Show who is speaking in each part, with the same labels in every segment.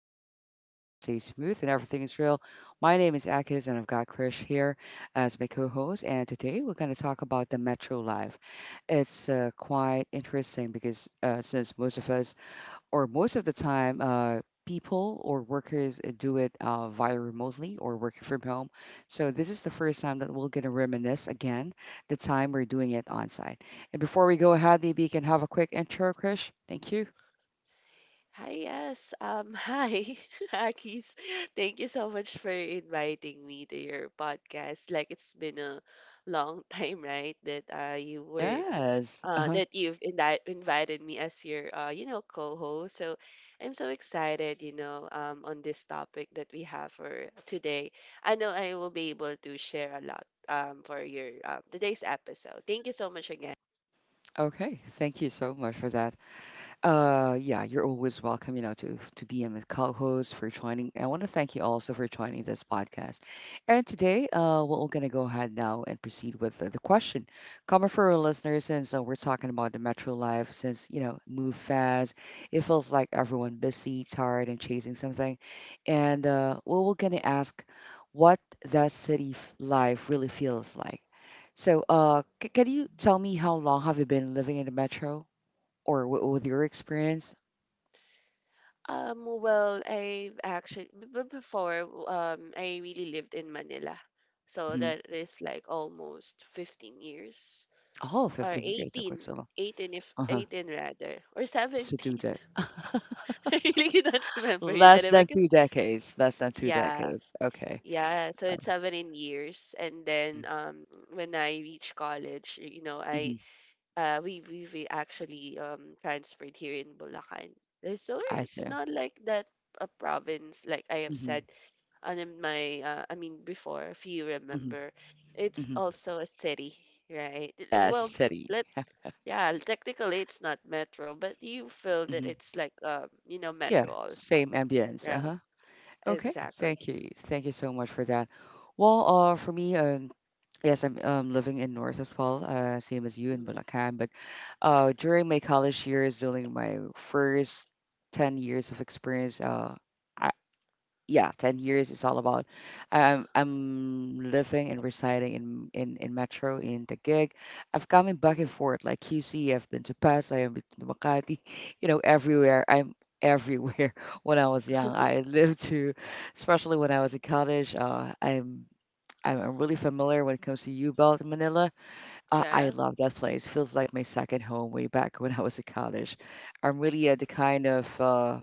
Speaker 1: flow easy and the vibe stays smooth and everything is real. My name is Akis and I've got Krish here as my co-host. And today we're going to talk about the metro life. It's quite interesting because since most of us or most of the time, people or workers do it via remotely or working from home. So this is the first time that we're going to reminisce again the time we're doing it on site. And before we go ahead, maybe you can have a quick intro, Krish. Thank you.
Speaker 2: hi, yes. Hi, Akis. Thank you so much for inviting me to your podcast. Like it's been a long time, right? That uh you were
Speaker 1: Yes.
Speaker 2: uh
Speaker 1: Uh-huh.
Speaker 2: that you've invited me as your co-host. So I'm so excited, on this topic that we have for today. I know I will be able to share a lot for your today's episode. Thank you so much again.
Speaker 1: Okay. Thank you so much for that. Yeah, you're always welcome, you know, to be in the co-host for joining. I want to thank you also for joining this podcast. And today, we're going to go ahead now and proceed with the question. Coming for our listeners, since we're talking about the metro life, since you know, move fast, it feels like everyone busy, tired, and chasing something. And well, we're going to ask what life really feels like. So, can you tell me how long have you been living in the metro? Or wi with your experience?
Speaker 2: Well, I've actually before I really lived in Manila. So
Speaker 1: Mhm.
Speaker 2: that is like almost 15 years
Speaker 1: Oh,
Speaker 2: or
Speaker 1: 15 years, okay,
Speaker 2: 18,
Speaker 1: so
Speaker 2: 18 if
Speaker 1: uh-huh.
Speaker 2: 18 rather or
Speaker 1: Close to 2
Speaker 2: 17.
Speaker 1: dec
Speaker 2: I really cannot remember it
Speaker 1: Less
Speaker 2: anymore,
Speaker 1: than
Speaker 2: 'cause-
Speaker 1: 2 decades, less than 2
Speaker 2: yeah.
Speaker 1: decades, okay.
Speaker 2: Yeah, so it's 17 years, and then
Speaker 1: Mhm,
Speaker 2: when I reached college, I
Speaker 1: mhm,
Speaker 2: we actually transferred here in Bulacan. So
Speaker 1: I see.
Speaker 2: it's not like that, a province like I have
Speaker 1: Mhm,
Speaker 2: said, and in my I mean, before if you
Speaker 1: mhm,
Speaker 2: remember, it's
Speaker 1: mhm.
Speaker 2: also a city, right?
Speaker 1: Yeah,
Speaker 2: Well,
Speaker 1: city.
Speaker 2: let yeah, technically it's not metro, but you feel that
Speaker 1: Mhm,
Speaker 2: it's like
Speaker 1: yeah,
Speaker 2: metro also,
Speaker 1: same ambience,
Speaker 2: right?
Speaker 1: uh-huh. Okay,
Speaker 2: Exactly.
Speaker 1: thank you. Thank you so much for that. Well, for me, yes, I'm living in North as well, same as you in
Speaker 2: Hmm.
Speaker 1: Bulacan. But during my college years, during my first 10 years of experience, I, yeah, 10 years is all about. I'm living and residing in Metro in Taguig. I've coming back and
Speaker 2: Hmm.
Speaker 1: forth like QC. I've been to Pasay, I've been to Makati, you know, everywhere. I'm everywhere when I was young. I lived to, especially when I was in college, I'm really familiar when it comes to U-Belt in Manila. I
Speaker 2: Yeah.
Speaker 1: love that place. Feels like my second home way back when I was in college. I'm really the kind of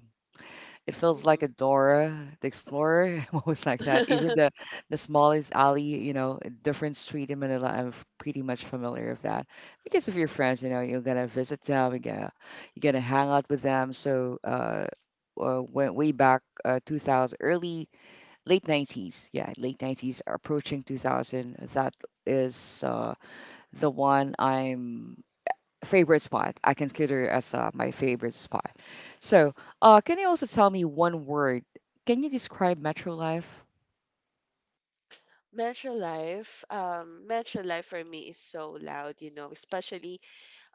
Speaker 1: it feels like a
Speaker 2: Hmm.
Speaker 1: Dora the Explorer, almost like that. Even the smallest alley, you know, a different street in Manila, pretty much familiar with that. Because of your friends, you know, you're gonna visit them, you're gonna hang out with them. So went way back 2000, early late 90s, yeah, late 90s, approaching 2000. That is the one I'm favorite spot. I consider it as my favorite spot. So, can you also tell me one word? Can you describe Metro Life?
Speaker 2: Metro Life for me is so loud, especially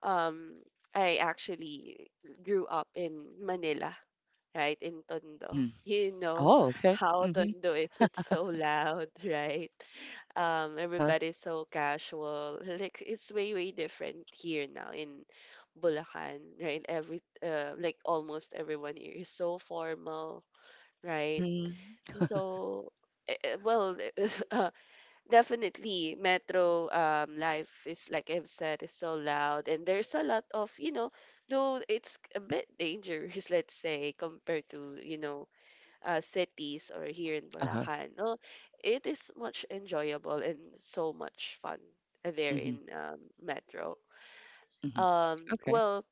Speaker 2: um, I actually grew up in Manila, right, in Tondo.
Speaker 1: Mm-hmm.
Speaker 2: You know
Speaker 1: Oh, okay.
Speaker 2: how
Speaker 1: Mm-hmm.
Speaker 2: Tondo is. It's so loud, right? Um,
Speaker 1: Uh-huh.
Speaker 2: everybody's so casual. Like it's way, way different here now in Bulacan, right? Every like almost everyone here is so formal, right?
Speaker 1: Mm-hmm.
Speaker 2: So, well, uh, definitely, metro life is, like I've said, is so loud, and there's a lot of, though it's a bit dangerous, let's say, compared to, cities or here in
Speaker 1: Uh-huh.
Speaker 2: Bulacan. No, it is much enjoyable and so much fun there
Speaker 1: Mm-hmm.
Speaker 2: in metro.
Speaker 1: Mm-hmm.
Speaker 2: Um,
Speaker 1: Okay.
Speaker 2: well,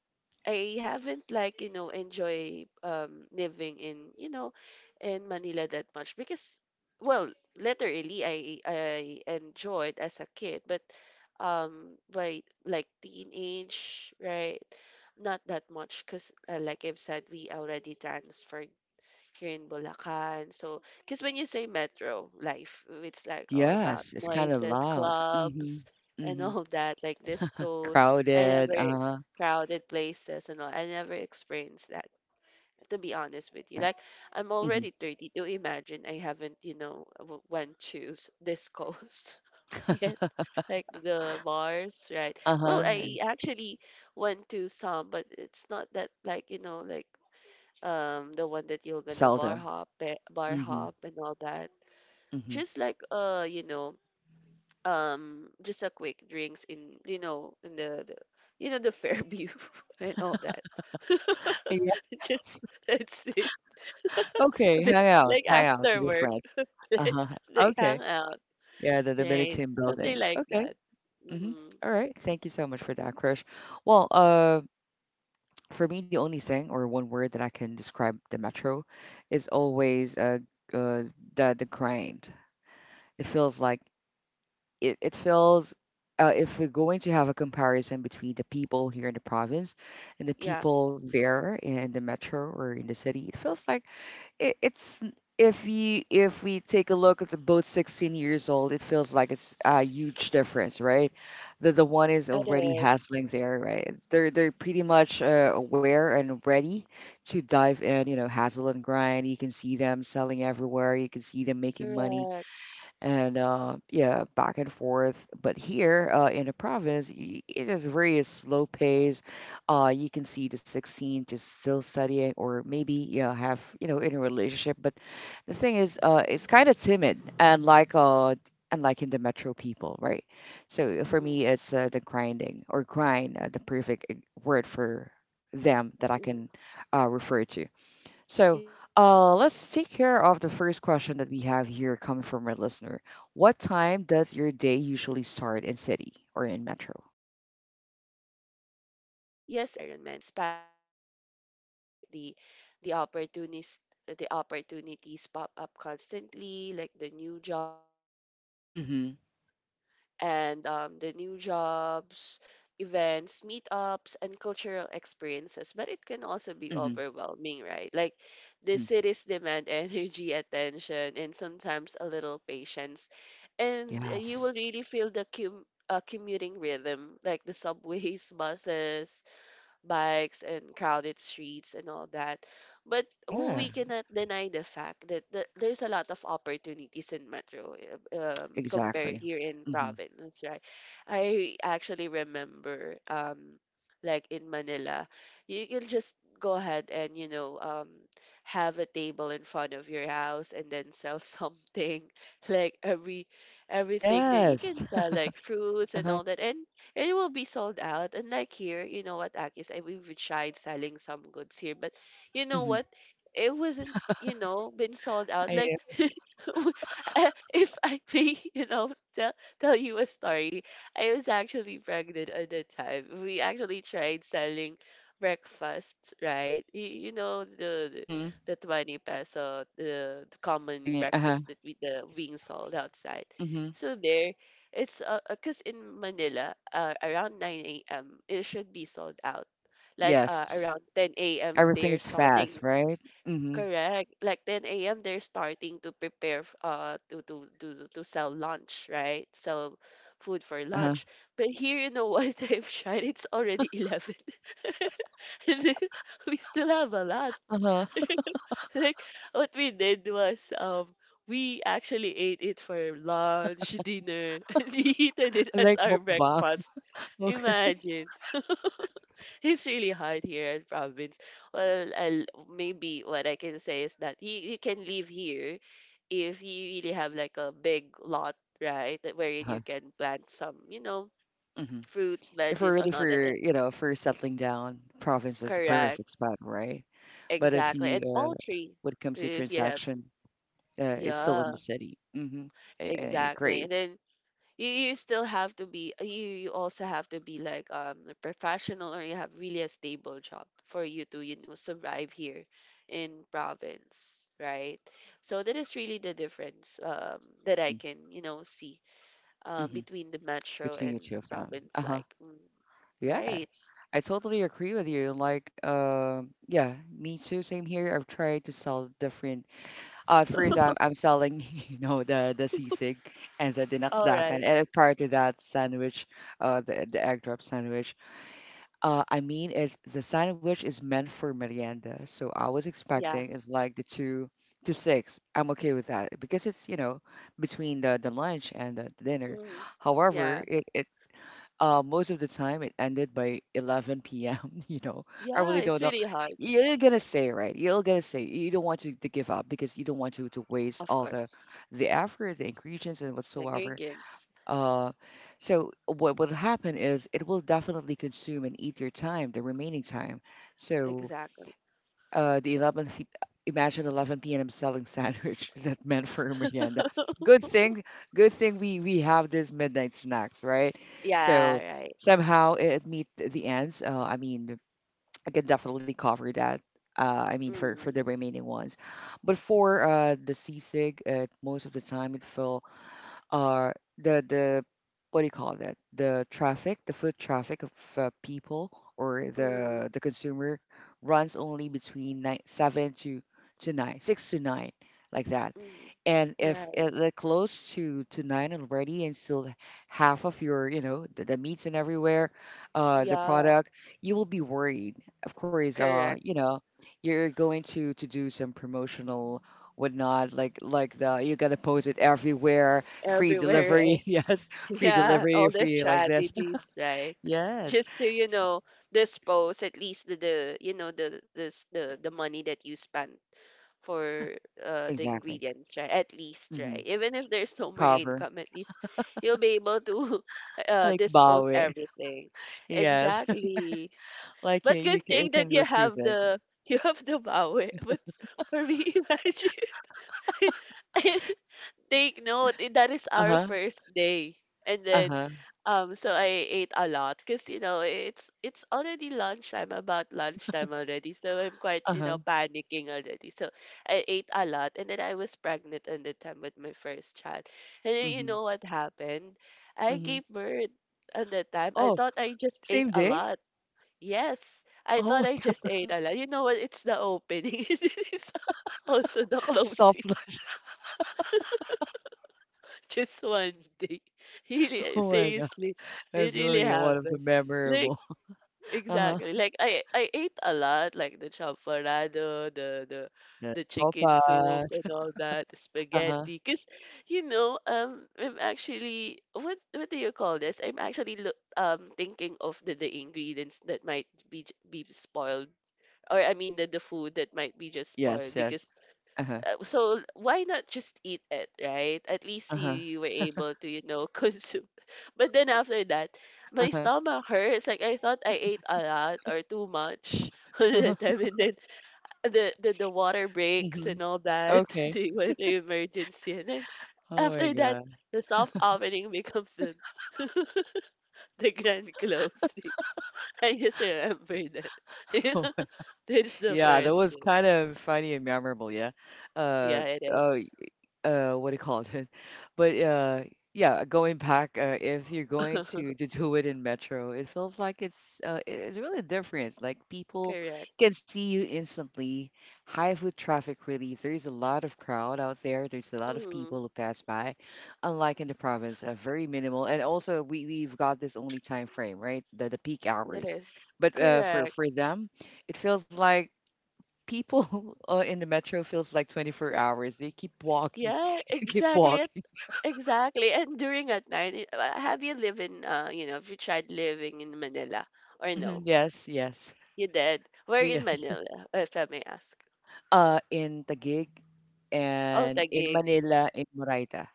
Speaker 2: I haven't, like, enjoy, living in you know in Manila that much, because well, literally, I enjoyed as a kid, but by, like, teenage, right, not that much, because like I've said, we already transferred here in Bulacan. So, because when you say metro life, it's like all about
Speaker 1: Yes, it's kind of
Speaker 2: noises,
Speaker 1: loud. Mm-hmm.
Speaker 2: clubs, and
Speaker 1: Mm-hmm.
Speaker 2: all that, like discos. I
Speaker 1: Crowded.
Speaker 2: never
Speaker 1: Uh-huh.
Speaker 2: crowded places and all. I never experienced that, to be honest with you.
Speaker 1: Okay.
Speaker 2: Like, I'm
Speaker 1: Mm-hmm.
Speaker 2: already 32. Imagine, I haven't, went to discos yet, like the bars, right? Well,
Speaker 1: Uh-huh.
Speaker 2: I actually went to some, but it's not that, like, like, the one that you're
Speaker 1: Very
Speaker 2: gonna bar
Speaker 1: seldom.
Speaker 2: hop eh, bar
Speaker 1: Mm-hmm.
Speaker 2: hop and all that,
Speaker 1: Mm-hmm.
Speaker 2: just like just a quick drinks in you know in the you know the Fairview and all that, just
Speaker 1: Yes.
Speaker 2: that's it.
Speaker 1: Okay. Hang out.
Speaker 2: Like,
Speaker 1: Hang out with
Speaker 2: after
Speaker 1: your
Speaker 2: work,
Speaker 1: friends.
Speaker 2: like,
Speaker 1: Uh-huh.
Speaker 2: hang
Speaker 1: Okay.
Speaker 2: out,
Speaker 1: Yeah, the
Speaker 2: right,
Speaker 1: Dominican
Speaker 2: something
Speaker 1: building.
Speaker 2: like
Speaker 1: Okay.
Speaker 2: that.
Speaker 1: Mm-hmm.
Speaker 2: Hmm.
Speaker 1: All right. Thank you so much for that, Krish. Well, for me, the only thing or one word that I can describe the metro is always uh the grind. It feels like it feels if we're going to have a comparison between the people here in the province and the
Speaker 2: Yeah,
Speaker 1: people there in the metro or in the city, it feels like it, it's if you if we take a look at the both 16 years old, it feels like it's a huge difference, right? That the one is
Speaker 2: it
Speaker 1: already
Speaker 2: is.
Speaker 1: hustling there, right? They're pretty
Speaker 2: Mhm.
Speaker 1: much aware and ready to dive in, you know, hustle and grind. You can see them selling everywhere, you can see them making money
Speaker 2: Correct.
Speaker 1: and yeah, back and forth. But here in the province, it is very slow pace. You can see the 16 just still studying, or maybe you know, have you know in a relationship. But the thing is, it's kind of timid, and like in the metro people, right? So for me,
Speaker 2: Mm-hmm.
Speaker 1: it's the grinding or grind, the perfect word for them that I can
Speaker 2: Mm-hmm.
Speaker 1: refer to. So
Speaker 2: Yeah. And
Speaker 1: let's take
Speaker 2: yes,
Speaker 1: care of the
Speaker 2: Akis,
Speaker 1: first
Speaker 2: and
Speaker 1: question that we have here
Speaker 2: you've
Speaker 1: coming from our
Speaker 2: mentioned,
Speaker 1: listener. What
Speaker 2: also, the
Speaker 1: time does
Speaker 2: fast
Speaker 1: your day
Speaker 2: pacing,
Speaker 1: usually
Speaker 2: right, or
Speaker 1: start
Speaker 2: the
Speaker 1: in city
Speaker 2: fast paced
Speaker 1: or in metro?
Speaker 2: environment. This fast pace has its benefits, right? The opportunities the opportunities pop up constantly, like the new jobs, right?
Speaker 1: Mm-hmm.
Speaker 2: And events, meetups, and cultural experiences. But it can also be
Speaker 1: Mm-hmm.
Speaker 2: overwhelming, right? Like, the
Speaker 1: Mm-hmm.
Speaker 2: cities demand energy, attention, and sometimes a little patience. And you will
Speaker 1: Yes.
Speaker 2: really feel the commuting rhythm, like the subways, buses, bikes, and crowded streets and all that. But we
Speaker 1: Yeah.
Speaker 2: cannot deny the fact that there's a lot of opportunities in metro, compared
Speaker 1: Exactly.
Speaker 2: here in
Speaker 1: Mm-hmm.
Speaker 2: province, right? I actually remember, like in Manila, you can just go ahead and, have a table in front of your house and then sell something, like everything that you can
Speaker 1: Yes.
Speaker 2: sell, like fruits and
Speaker 1: Uh-huh.
Speaker 2: all that, and it will be sold out. And like here, you know what, Akis, I we've tried selling some goods here, but you know
Speaker 1: Mm-hmm.
Speaker 2: what? It wasn't, been sold out.
Speaker 1: I
Speaker 2: Like,
Speaker 1: know.
Speaker 2: w- if I may, tell tell you a story. I was actually pregnant at the time. We actually tried selling breakfasts, right? You know the
Speaker 1: Mm-hmm.
Speaker 2: the 20 peso, the common
Speaker 1: Thinking. Uh-huh.
Speaker 2: breakfast that we the being sold outside.
Speaker 1: Mm-hmm.
Speaker 2: So there, it's because in Manila, around 9 a.m., it should be sold out. Like,
Speaker 1: Yes.
Speaker 2: around 10 a.m.,
Speaker 1: Everything
Speaker 2: they're
Speaker 1: is
Speaker 2: starting.
Speaker 1: fast, right? Mm-hmm.
Speaker 2: Correct. Like 10 a.m., they're starting to prepare to sell lunch, right? Sell food for
Speaker 1: Yes. Uh-huh.
Speaker 2: lunch. But here in the, white time have, it's already 11. And then we still have a lot.
Speaker 1: Uh-huh.
Speaker 2: Like, what we did was, we actually ate it for lunch, dinner, and we heated it as
Speaker 1: Like
Speaker 2: our
Speaker 1: mukbang.
Speaker 2: breakfast.
Speaker 1: Okay.
Speaker 2: Imagine. It's really hard here in province. Well, maybe what I can say is that you can live here if you really have like a big lot, right, that wherein
Speaker 1: Uh-huh.
Speaker 2: you can plant some fruits,
Speaker 1: If we're
Speaker 2: veggies,
Speaker 1: really
Speaker 2: and all that.
Speaker 1: for you know for settling down, province is the perfect
Speaker 2: Correct.
Speaker 1: spot, right? But if
Speaker 2: Exactly.
Speaker 1: you
Speaker 2: And poultry,
Speaker 1: when it comes to
Speaker 2: if you have.
Speaker 1: transaction, it's still in the
Speaker 2: Yeah,
Speaker 1: city. Hmm. I
Speaker 2: exactly.
Speaker 1: agree.
Speaker 2: And then you still have to be, you also have to be like a professional, or you have really a stable job for you to survive here in province, right, so that is really the difference, that I
Speaker 1: Hmm.
Speaker 2: can, see,
Speaker 1: Hmm.
Speaker 2: between the metro
Speaker 1: Between
Speaker 2: and
Speaker 1: the two of them. Uh
Speaker 2: province,
Speaker 1: huh.
Speaker 2: like,
Speaker 1: Yeah,
Speaker 2: right.
Speaker 1: I totally agree with you. Like, yeah, me too. Same here. I've tried to sell different. First, I'm selling, you know, the sisig and the
Speaker 2: All
Speaker 1: dinakdakan,
Speaker 2: right.
Speaker 1: and prior to that, sandwich, the egg drop sandwich. I mean, the sandwich is meant for merienda, so I was
Speaker 2: Yeah.
Speaker 1: expecting it's like the two to six. I'm okay with that because it's, you know, between the lunch and the dinner.
Speaker 2: Hmm.
Speaker 1: However,
Speaker 2: Yeah,
Speaker 1: it most of the time it ended by 11 p.m. You know, I
Speaker 2: yeah,
Speaker 1: really
Speaker 2: it's
Speaker 1: don't know.
Speaker 2: really hard.
Speaker 1: You're gonna stay, right? You're gonna stay. You don't want to give up because you don't want to waste
Speaker 2: Of
Speaker 1: all the
Speaker 2: course.
Speaker 1: effort, the ingredients, and
Speaker 2: The
Speaker 1: whatsoever.
Speaker 2: ingredients,
Speaker 1: Uh, so what will happen is it will definitely consume and eat your time, the remaining time. So
Speaker 2: exactly.
Speaker 1: uh, the 11, fe- imagine 11 p.m. selling sandwich that meant for merienda. Good thing, good thing we have this midnight snacks, right? So
Speaker 2: Yeah. Right.
Speaker 1: somehow it meet the ends. I mean, I can definitely cover that. Uh, I mean, for the
Speaker 2: Mm.
Speaker 1: remaining ones, but for the seasick, most of the time it fell uh, the what do you call that? The traffic, the foot traffic of people or
Speaker 2: Mm.
Speaker 1: the consumer runs only between nine, seven to nine, six to nine, like that.
Speaker 2: Hmm.
Speaker 1: And if
Speaker 2: Right.
Speaker 1: it, like, close to nine already, and still half of your, you know, the meats and everywhere, the
Speaker 2: Yeah,
Speaker 1: product, you will be worried. Of course,
Speaker 2: correct.
Speaker 1: you know, you're going to do some promotional whatnot, like the you gotta post it everywhere. Free
Speaker 2: Everywhere, right?
Speaker 1: delivery, yes. Free
Speaker 2: Yeah,
Speaker 1: delivery,
Speaker 2: all the
Speaker 1: free like this.
Speaker 2: strategies, right?
Speaker 1: Yes.
Speaker 2: Just to,
Speaker 1: S-
Speaker 2: dispose at least the money that you spent
Speaker 1: huh.
Speaker 2: for, the
Speaker 1: Exactly.
Speaker 2: ingredients, right? At least,
Speaker 1: Hmm.
Speaker 2: right? Even if there's
Speaker 1: To
Speaker 2: no more
Speaker 1: cover.
Speaker 2: income, at least you'll be able to
Speaker 1: Like
Speaker 2: dispose
Speaker 1: bawi.
Speaker 2: everything.
Speaker 1: Yes.
Speaker 2: Exactly.
Speaker 1: Like
Speaker 2: But
Speaker 1: you
Speaker 2: good thing that
Speaker 1: can
Speaker 2: you
Speaker 1: retrieve
Speaker 2: have
Speaker 1: it.
Speaker 2: the you have the power. But for me, imagine. I, Take note, that is our
Speaker 1: Uh-huh.
Speaker 2: first day. And then,
Speaker 1: Uh-huh.
Speaker 2: so I ate a lot, because it's already lunchtime, about lunchtime already. So I'm quite, you
Speaker 1: Uh-huh.
Speaker 2: know, panicking already. So I ate a lot, and then I was pregnant at the time with my first child. And then you
Speaker 1: Mm-hmm.
Speaker 2: know what happened? I
Speaker 1: Mm-hmm.
Speaker 2: gave birth at the time. I
Speaker 1: Oh,
Speaker 2: thought I just ate
Speaker 1: same
Speaker 2: a
Speaker 1: day?
Speaker 2: lot. Yes, I thought
Speaker 1: Oh,
Speaker 2: I
Speaker 1: my
Speaker 2: just ate a lot. You know what? It's the opening. It's also
Speaker 1: God.
Speaker 2: the
Speaker 1: Soft.
Speaker 2: closing. Just one day. Really,
Speaker 1: Oh my God.
Speaker 2: seriously, it
Speaker 1: That's
Speaker 2: really
Speaker 1: really one of the
Speaker 2: happened. Like,
Speaker 1: memorable. Uh-huh.
Speaker 2: exactly. Like, I ate a lot, like the champorado, the the
Speaker 1: Yeah.
Speaker 2: the chicken soup and
Speaker 1: Sopas.
Speaker 2: all that, the
Speaker 1: Uh-huh.
Speaker 2: spaghetti. 'Cause, I'm actually, what do you call this? I'm actually look thinking of the ingredients that might be, be spoiled, or I mean, the food that might be just
Speaker 1: Yes,
Speaker 2: spoiled,
Speaker 1: yes.
Speaker 2: because,
Speaker 1: Uh-huh.
Speaker 2: so why not just eat it, right? At least you,
Speaker 1: Uh-huh.
Speaker 2: you were able to, consume. But then, after that, my
Speaker 1: Uh-huh.
Speaker 2: stomach hurts. Like, I thought I ate a lot or too much all
Speaker 1: Uh-huh.
Speaker 2: the time, and then the water breaks
Speaker 1: Mm-hmm.
Speaker 2: and all that.
Speaker 1: Okay.
Speaker 2: They went to emergency, and then,
Speaker 1: Oh my
Speaker 2: after that,
Speaker 1: God.
Speaker 2: the soft opening becomes the the grand closing. I just remember that. That's the
Speaker 1: Yeah, that
Speaker 2: first
Speaker 1: was
Speaker 2: day.
Speaker 1: kind of funny and memorable, yeah. Uh,
Speaker 2: Yeah, it
Speaker 1: oh,
Speaker 2: is.
Speaker 1: what do you call it? But yeah, going back, if you're going to do it in Metro, it feels like it's really different. Like people
Speaker 2: Correct.
Speaker 1: can see you instantly. High foot traffic, really. There's a lot of crowd out there. There's a lot of
Speaker 2: Mm-hmm.
Speaker 1: people who pass by. Unlike in the province, very minimal. And also, we've got this only time frame, right? The peak
Speaker 2: It
Speaker 1: hours.
Speaker 2: is.
Speaker 1: But
Speaker 2: Correct.
Speaker 1: for them it feels like people in the metro feels like 24 hours. They keep walking,
Speaker 2: Yeah,
Speaker 1: keep
Speaker 2: exactly.
Speaker 1: walking.
Speaker 2: Exactly. And during at night, I- have you lived in, you know, have you tried living in Manila or
Speaker 1: Hmm.
Speaker 2: no?
Speaker 1: Yes,
Speaker 2: You did. Where in
Speaker 1: yes.
Speaker 2: Manila, if I may ask?
Speaker 1: In Taguig
Speaker 2: Oh,
Speaker 1: and in
Speaker 2: Taguig.
Speaker 1: Manila, in Moraita.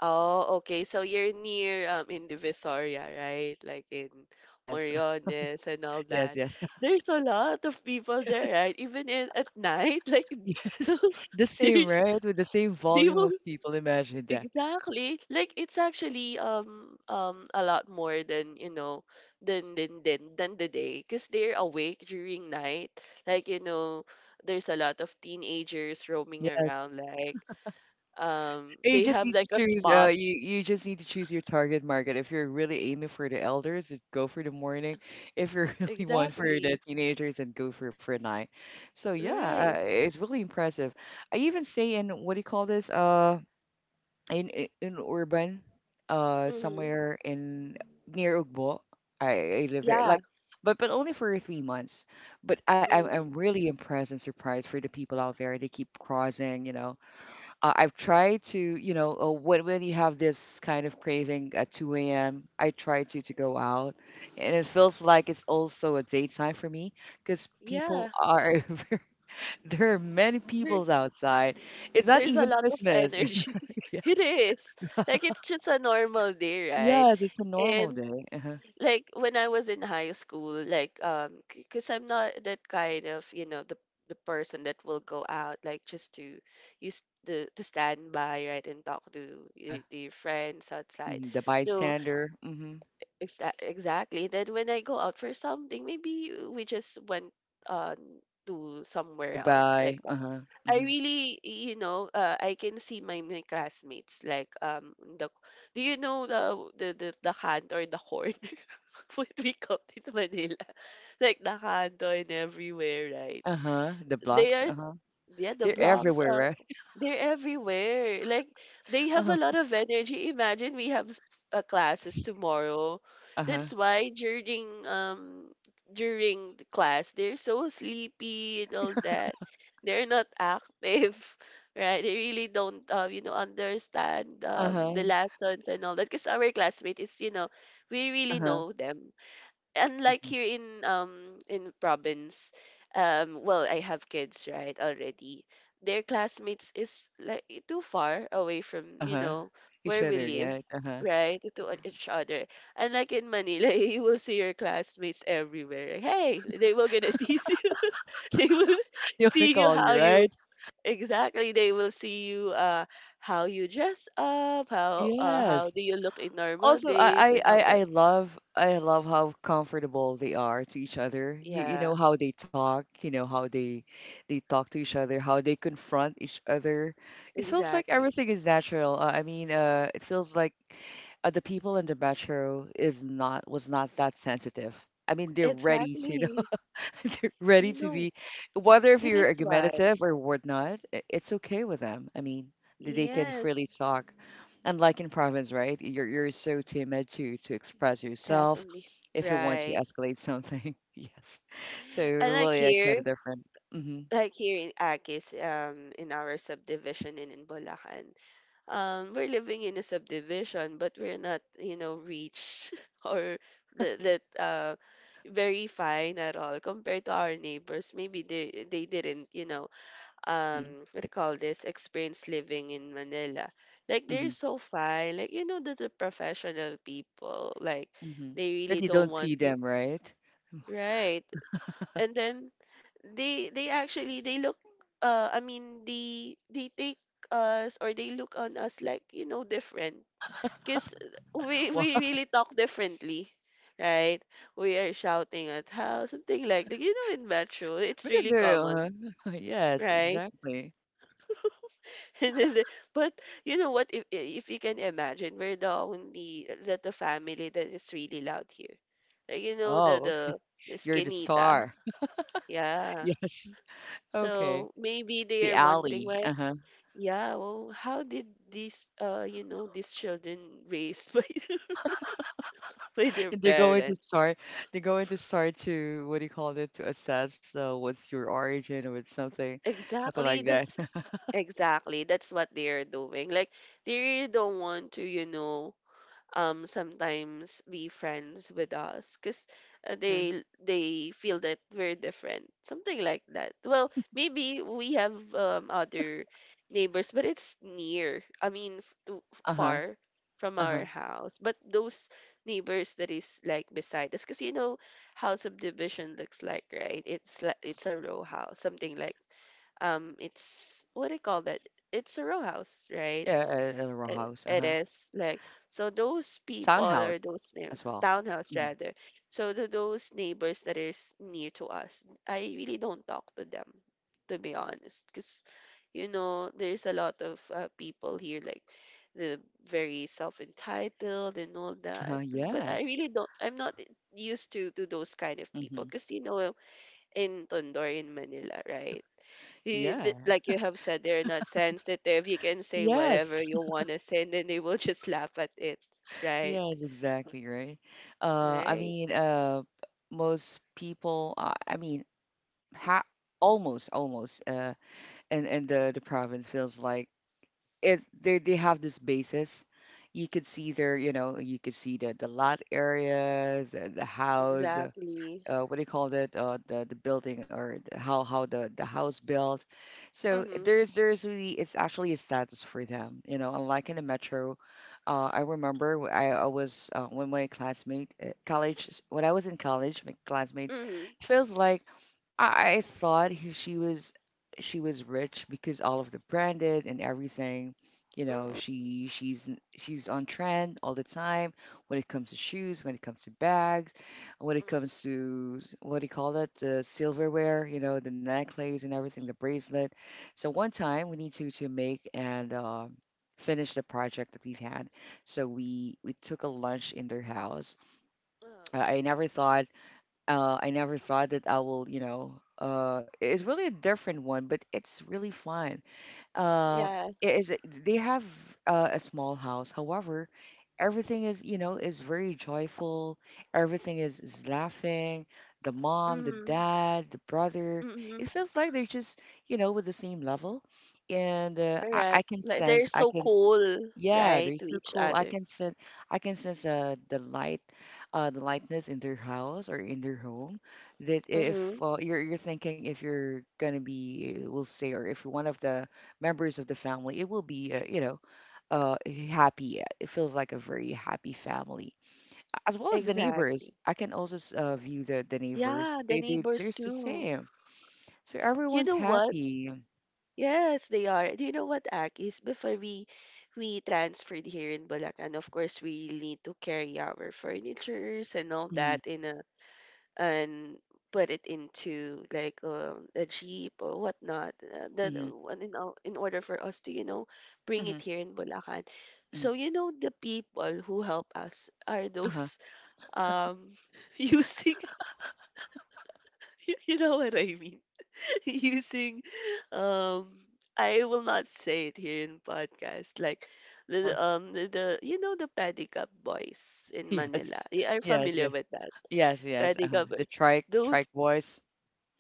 Speaker 2: Oh, okay. So you're near, in Divisoria, right? Like in
Speaker 1: Yes,
Speaker 2: Moriones and all
Speaker 1: yes,
Speaker 2: that.
Speaker 1: yes,
Speaker 2: There's a lot of people there,
Speaker 1: yes,
Speaker 2: right? Even in at night, like
Speaker 1: yes. The same,
Speaker 2: they
Speaker 1: right? With the same
Speaker 2: they
Speaker 1: volume
Speaker 2: will
Speaker 1: of people. Imagine that.
Speaker 2: exactly. Like, it's actually, a lot more than you know than the day, because they're awake during night. Like, there's a lot of teenagers roaming
Speaker 1: Yes.
Speaker 2: around. Like,
Speaker 1: You
Speaker 2: they
Speaker 1: just
Speaker 2: have
Speaker 1: need to
Speaker 2: like a
Speaker 1: choose,
Speaker 2: spot.
Speaker 1: you just need to choose your target market. If you're really aiming for the elders, then go for the morning. If you really want for the
Speaker 2: Exactly.
Speaker 1: teenagers, then go for night. So yeah,
Speaker 2: Right.
Speaker 1: it's really impressive. I even say in what do you call this? In urban,
Speaker 2: Mm-hmm.
Speaker 1: somewhere in near Ugbo. I live there,
Speaker 2: Yeah.
Speaker 1: like, but only for 3 months. But I'm
Speaker 2: Mm-hmm.
Speaker 1: really impressed and surprised for the people out there. They keep crossing, you know. I've tried to, you know, when you have this kind of craving at 2 a.m., I try to go out, and it feels like it's also a daytime for me because people
Speaker 2: Yeah.
Speaker 1: are there are many
Speaker 2: There,
Speaker 1: peoples outside. It's not
Speaker 2: there's a
Speaker 1: even
Speaker 2: lot of
Speaker 1: Christmas.
Speaker 2: energy. It
Speaker 1: Yes,
Speaker 2: is. Like, it's just a normal day, right?
Speaker 1: yes, it's a normal
Speaker 2: And
Speaker 1: day. Uh-huh.
Speaker 2: like when I was in high school, like, because I'm not that kind of, the person that will go out, like, just to, use the to stand by, right, and talk to,
Speaker 1: Uh-huh.
Speaker 2: to your friends outside.
Speaker 1: Hmm. The
Speaker 2: No,
Speaker 1: bystander. Hmm.
Speaker 2: exactly. Then when I go out for something, maybe we just went on to somewhere
Speaker 1: To
Speaker 2: else, like,
Speaker 1: buy. Uh-huh.
Speaker 2: I
Speaker 1: Hmm.
Speaker 2: really, you know, I can see my classmates, like, the do you know the hand or the horn, what we call it in Manila, like the hand and everywhere, right,
Speaker 1: Uh-huh. The
Speaker 2: they
Speaker 1: blocks.
Speaker 2: are,
Speaker 1: Uh-huh.
Speaker 2: yeah, the
Speaker 1: They're
Speaker 2: blocks,
Speaker 1: everywhere, right?
Speaker 2: they're everywhere. Like, they have a
Speaker 1: Uh-huh.
Speaker 2: lot of energy. Imagine we have, classes tomorrow.
Speaker 1: Uh-huh.
Speaker 2: That's why during the class they're so sleepy and all that. They're not active, right? They really don't understand
Speaker 1: Uh-huh.
Speaker 2: the lessons and all that. Because our classmate is, you know, we really
Speaker 1: Uh-huh.
Speaker 2: know them, unlike
Speaker 1: Mm-hmm.
Speaker 2: here in province. Well, I have kids, right, already. Their classmates is like too far away from,
Speaker 1: Uh-huh. Each
Speaker 2: where we
Speaker 1: other,
Speaker 2: live,
Speaker 1: right? Uh-huh.
Speaker 2: right, each other. And like in Manila you will see your classmates everywhere. Hey, they will gonna tease you. They will
Speaker 1: You wanna
Speaker 2: see you
Speaker 1: call you,
Speaker 2: how you—
Speaker 1: right?
Speaker 2: exactly, they will see you, how you dress up, how
Speaker 1: Yes.
Speaker 2: do you look in normal
Speaker 1: Also,
Speaker 2: days
Speaker 1: I, I,
Speaker 2: and all
Speaker 1: I
Speaker 2: that.
Speaker 1: I love I love how comfortable they are to each other. You know
Speaker 2: Yeah,
Speaker 1: how they talk, you know how they talk to each other, how they confront each other. It feels like
Speaker 2: exactly.
Speaker 1: everything is natural. I mean, it feels like, the people in the metro is not, was not that sensitive. I mean, they're ready to
Speaker 2: Exactly.
Speaker 1: ready
Speaker 2: You
Speaker 1: to
Speaker 2: know,
Speaker 1: be, whether if you're
Speaker 2: that's why.
Speaker 1: argumentative or whatnot, it's okay with them. I mean, they can
Speaker 2: Yes,
Speaker 1: freely talk. Unlike in province, right? You're so timid to express yourself
Speaker 2: exactly.
Speaker 1: if you want to
Speaker 2: Right.
Speaker 1: escalate something. Yes. So
Speaker 2: And
Speaker 1: really, yeah, kind of different. Hmm
Speaker 2: like here in Agis, in our subdivision in Bulacan, we're living in a subdivision, but we're not, you know, rich or that, that very fine at all compared to our neighbors. Maybe they didn't, you know,
Speaker 1: hmm
Speaker 2: what do you call this, experience living in Manila. Like they're
Speaker 1: hmm
Speaker 2: so fine. Like, you know, that the professional people, like
Speaker 1: hmm
Speaker 2: they
Speaker 1: That
Speaker 2: really
Speaker 1: you
Speaker 2: don't
Speaker 1: don't see
Speaker 2: want to.
Speaker 1: them, right?
Speaker 2: Right. And then they actually they look— I mean, they take us, or they look on us like, you know, different. Because
Speaker 1: Well,
Speaker 2: we really talk differently. Right? We are shouting at how something, like, you know, in metro, it's
Speaker 1: because
Speaker 2: really
Speaker 1: they're,
Speaker 2: common,
Speaker 1: yes,
Speaker 2: right?
Speaker 1: exactly.
Speaker 2: And then the— but you know what? If you can imagine, we're the only little family that is really loud here. Like, you know,
Speaker 1: Oh, okay.
Speaker 2: the
Speaker 1: You're the
Speaker 2: skinita,
Speaker 1: star.
Speaker 2: yeah.
Speaker 1: Yes. Okay.
Speaker 2: So maybe they
Speaker 1: The
Speaker 2: are wondering
Speaker 1: alley.
Speaker 2: why.
Speaker 1: Uh-huh.
Speaker 2: Yeah, well, how did these, these children raised by their
Speaker 1: They're going to
Speaker 2: parents?
Speaker 1: start. They're going to start to, what do you call it, to assess, what's your origin or it's something, something like
Speaker 2: Exactly.
Speaker 1: that.
Speaker 2: That's exactly that's what they are doing. Like they really don't want to, you know, sometimes be friends with us, because
Speaker 1: Mm-hmm.
Speaker 2: they feel that we're different, something like that. Well, maybe we have, other neighbors, but it's near, I mean,
Speaker 1: Uh huh.
Speaker 2: far from
Speaker 1: Uh huh.
Speaker 2: our house. But those neighbors that is like beside us, because, you know, how subdivision looks like, right, it's like
Speaker 1: Yes.
Speaker 2: it's a row house, something like, it's— what do you call that? It's a row house, right?
Speaker 1: Yeah. A row
Speaker 2: it,
Speaker 1: house. Uh
Speaker 2: it
Speaker 1: huh.
Speaker 2: is like— so those people or
Speaker 1: Townhouse
Speaker 2: those names—
Speaker 1: as well.
Speaker 2: townhouse
Speaker 1: Hmm
Speaker 2: rather. So to those neighbors that is near to us, I really don't talk to them, to be honest, because, you know, there's a lot of people here like the very self entitled and all
Speaker 1: Uh huh.
Speaker 2: that. But I
Speaker 1: Yes.
Speaker 2: really don't. I'm not used to those kind of people
Speaker 1: Mm-hmm.
Speaker 2: because, you know, in Tondo in Manila, right?
Speaker 1: Yeah.
Speaker 2: Like you have said, they're not sensitive. You can say
Speaker 1: Yes.
Speaker 2: whatever you want to say, and then they will just laugh at it, right?
Speaker 1: Yes. Exactly. Right. I
Speaker 2: Right?
Speaker 1: mean. Most people. I mean. Ha- Almost. Almost. And the province feels like if they have this basis, you could see their, you know, you could see the lot area, the house,
Speaker 2: Exactly.
Speaker 1: what do you call that? The building or the, how the house built. So
Speaker 2: Mm-hmm.
Speaker 1: there's really, it's actually a status for them. You know, unlike in the metro, I remember, I was, when my classmate, college, when I was in college, my classmate
Speaker 2: Mm-hmm.
Speaker 1: feels like I thought, she was, she was rich because all of the branded and everything. You know, she's on trend all the time, when it comes to shoes, when it comes to bags, when it
Speaker 2: Mm-hmm.
Speaker 1: comes to, what do you call it, the silverware, you know, the necklace and everything, the bracelet. So one time we need to make and, finish the project that we've had. So we took a lunch in their house.
Speaker 2: Uh,
Speaker 1: Uh, I never thought I never thought that I will, you know, it's really a
Speaker 2: mhm.
Speaker 1: different one, but it's really fun. uh
Speaker 2: Yeah.
Speaker 1: it is, they have, a small house. However, everything is, you know, is very joyful, everything is laughing, the mom, the
Speaker 2: Mm-hmm.
Speaker 1: dad, the brother. It
Speaker 2: Mm-hmm.
Speaker 1: feels like they're just, you know, with the same level, and, I
Speaker 2: Correct.
Speaker 1: can
Speaker 2: Like they're
Speaker 1: sense, I
Speaker 2: so
Speaker 1: can,
Speaker 2: cool,
Speaker 1: yeah,
Speaker 2: right,
Speaker 1: they're
Speaker 2: to
Speaker 1: so
Speaker 2: each
Speaker 1: cool. I
Speaker 2: other.
Speaker 1: can sense, I can sense, the light, the lightness in their house or in their home, that if,
Speaker 2: Mm-hmm.
Speaker 1: you're thinking if you're gonna be, we'll say, or if you're one of the members of the family, it will be, uh, happy. It feels like a very happy family. As well as the neighbors,
Speaker 2: Exactly.
Speaker 1: I can also, view the neighbors.
Speaker 2: Yeah, the
Speaker 1: They, they're
Speaker 2: neighbors
Speaker 1: the
Speaker 2: too.
Speaker 1: same. So
Speaker 2: You
Speaker 1: everyone's
Speaker 2: know what?
Speaker 1: happy.
Speaker 2: Yes, they are. Do you know what, Akis? Before we transferred here in Bulacan, of course, we need to carry our furnitures and all
Speaker 1: Mm-hmm,
Speaker 2: that in a— and put it into like, a jeep or whatnot. The
Speaker 1: mm-hmm,
Speaker 2: one in in order for us to, you know, bring
Speaker 1: mm-hmm,
Speaker 2: it here in Bulacan.
Speaker 1: mm-hmm.
Speaker 2: So you know the people who help us are
Speaker 1: Uh-huh.
Speaker 2: those, um using you know what I mean, using um I will not say it here in podcast, like the,
Speaker 1: Uh-huh.
Speaker 2: the you know, the pedicab boys in Manila.
Speaker 1: Yes.
Speaker 2: You are
Speaker 1: Yes.
Speaker 2: familiar with that.
Speaker 1: Yes, yes, uh-huh.
Speaker 2: Pedicab
Speaker 1: The
Speaker 2: boys.
Speaker 1: trike
Speaker 2: Those—
Speaker 1: trike voice.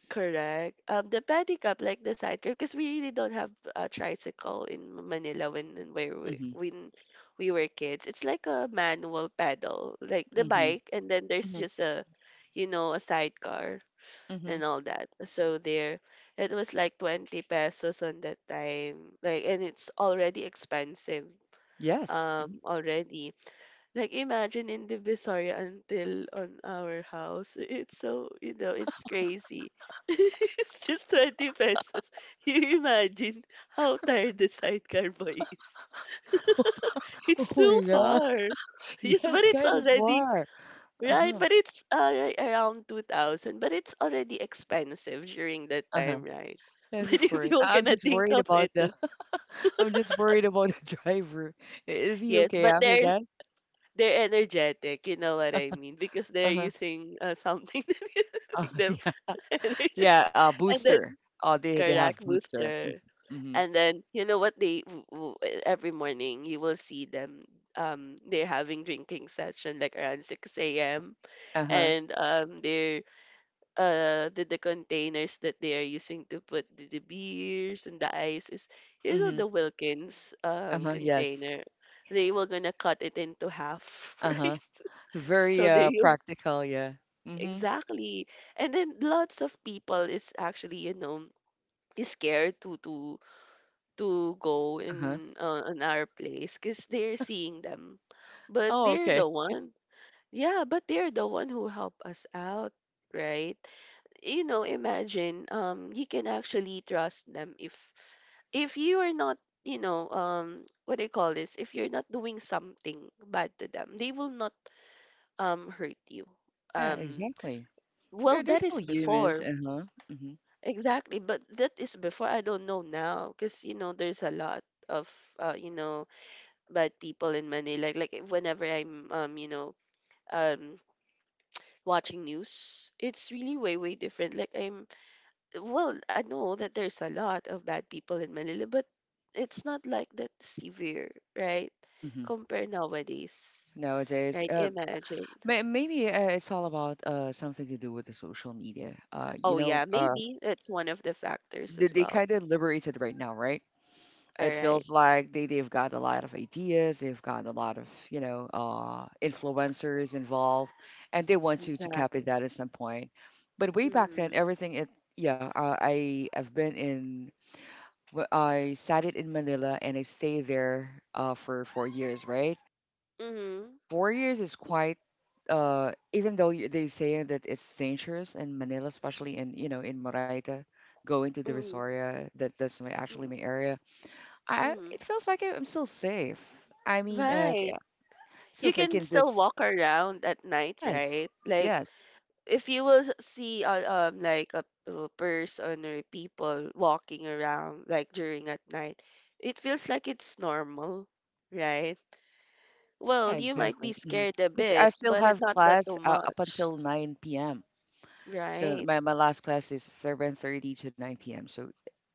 Speaker 2: correct. The pedicab, like the sidecar, because we really don't have a tricycle in Manila when— where we
Speaker 1: Mhm,
Speaker 2: when we were kids. It's like a manual pedal, like the
Speaker 1: mhm,
Speaker 2: bike, and then there's
Speaker 1: mhm,
Speaker 2: just a, you know, a sidecar
Speaker 1: mhm.
Speaker 2: and all that. So there, it was like 20 pesos on that time. Like, and it's already expensive
Speaker 1: Yes. Mhm.
Speaker 2: already. Like, imagine in the Divisoria until on our house. It's so, you know, it's crazy. It's just 20 pesos. You imagine how tired the sidecar boy is. It's
Speaker 1: Oh
Speaker 2: too
Speaker 1: my god.
Speaker 2: far. Yes, but
Speaker 1: Yes,
Speaker 2: it's
Speaker 1: kind of
Speaker 2: already—
Speaker 1: are.
Speaker 2: right,
Speaker 1: Uh-huh,
Speaker 2: but it's right around 2000, but it's already expensive during that
Speaker 1: uh-huh.
Speaker 2: time, right?
Speaker 1: Yes, of
Speaker 2: But if
Speaker 1: course.
Speaker 2: you're
Speaker 1: I'm
Speaker 2: gonna
Speaker 1: just
Speaker 2: think
Speaker 1: worried
Speaker 2: of
Speaker 1: about
Speaker 2: it,
Speaker 1: the
Speaker 2: then—
Speaker 1: I'm just worried about the driver. Is he
Speaker 2: yes,
Speaker 1: okay
Speaker 2: but
Speaker 1: after that?
Speaker 2: they're energetic, you know what I mean? Because they're
Speaker 1: Uh-huh.
Speaker 2: using something to make them
Speaker 1: Yeah. Yeah,
Speaker 2: energized. And then
Speaker 1: booster. Oh, they have
Speaker 2: correct,
Speaker 1: booster. Mm.
Speaker 2: booster.
Speaker 1: Mhm.
Speaker 2: And then you know what they every morning you will see them, they're having drinking session like around 6 a.m.
Speaker 1: Uh-huh.
Speaker 2: and they're the containers that they are using to put the beers and the ice is, you know,
Speaker 1: Mhm.
Speaker 2: the Wilkins
Speaker 1: Uh-huh. Yes.
Speaker 2: container. They were gonna cut it into half,
Speaker 1: Uh-huh.
Speaker 2: right?
Speaker 1: Very,
Speaker 2: So they u-
Speaker 1: practical, yeah. Mhm.
Speaker 2: exactly. And then lots of people is actually, you know, is scared to go
Speaker 1: Uh-huh.
Speaker 2: in on our place because they're seeing them, but
Speaker 1: Oh,
Speaker 2: they're
Speaker 1: okay.
Speaker 2: the one— yeah, but they're the one who help us out, right? You know, imagine, you can actually trust them, if you are not, you know, what do you call this? If you're not doing something bad to them, they will not hurt you.
Speaker 1: Yeah,
Speaker 2: Um
Speaker 1: exactly.
Speaker 2: well,
Speaker 1: They're
Speaker 2: that
Speaker 1: still
Speaker 2: is
Speaker 1: humans,
Speaker 2: before.
Speaker 1: uh-huh. Mhm.
Speaker 2: Exactly, but that is before. I don't know now because, you know, there's a lot of, you know bad people in Manila. Like whenever I'm, um watching news, it's really way way different. Like, I'm— well, I know that there's a lot of bad people in Manila, but it's not like that severe, right?
Speaker 1: Mhm.
Speaker 2: Compare nowadays,
Speaker 1: Nowadays,
Speaker 2: right? Imagine.
Speaker 1: maybe, it's all about, something to do with the social media. Uh, you
Speaker 2: Oh
Speaker 1: know,
Speaker 2: yeah,
Speaker 1: uh,
Speaker 2: maybe that's one of the factors
Speaker 1: they,
Speaker 2: as
Speaker 1: they kind
Speaker 2: well.
Speaker 1: of liberated right now, right?
Speaker 2: All
Speaker 1: It
Speaker 2: right,
Speaker 1: feels like they've got a lot of ideas, they've got a lot of, influencers involved, and they want to copy
Speaker 2: exactly.
Speaker 1: that at some point. But way back then,
Speaker 2: Mm-hmm.
Speaker 1: everything it yeah, I've been in. I studied in Manila and I stayed there, for 4 years, right?
Speaker 2: Mm-hmm.
Speaker 1: 4 years is quite, even though, they say that it's dangerous in Manila, especially in, you know, in Moraita, going to the
Speaker 2: Mm-hmm.
Speaker 1: Visoria, that, that's my actually
Speaker 2: Mm-hmm.
Speaker 1: my area. I
Speaker 2: Mm-hmm.
Speaker 1: It feels like I'm still safe. I mean,
Speaker 2: Right.
Speaker 1: yeah, still
Speaker 2: You
Speaker 1: safe
Speaker 2: can
Speaker 1: in
Speaker 2: still
Speaker 1: this.
Speaker 2: walk around at night,
Speaker 1: Yes,
Speaker 2: right? Like
Speaker 1: yes,
Speaker 2: if you will see like a person or people walking around like during at night, it feels like it's normal, right?
Speaker 1: yeah,
Speaker 2: Well, you might
Speaker 1: exactly.
Speaker 2: be scared a
Speaker 1: Because I
Speaker 2: bit,
Speaker 1: still
Speaker 2: but it—
Speaker 1: have
Speaker 2: not that
Speaker 1: class,
Speaker 2: too
Speaker 1: up
Speaker 2: much,
Speaker 1: until 9 p.m. So
Speaker 2: right?
Speaker 1: my last class is 7:30 to 9 p.m. So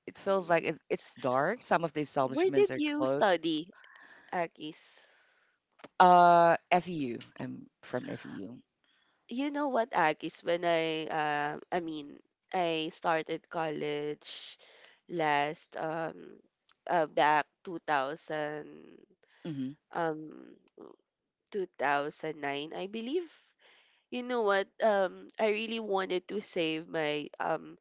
Speaker 1: it feels like,
Speaker 2: Mm.
Speaker 1: it's dark. Some of the
Speaker 2: Where
Speaker 1: establishments
Speaker 2: did
Speaker 1: are
Speaker 2: you
Speaker 1: closed.
Speaker 2: study, Akis?
Speaker 1: FEU. I'm from FEU.
Speaker 2: You know what, Akis? When I, I mean, I started college last, back 2000,
Speaker 1: Mm-hmm.
Speaker 2: um 2009, I believe. You know what? I really wanted to save my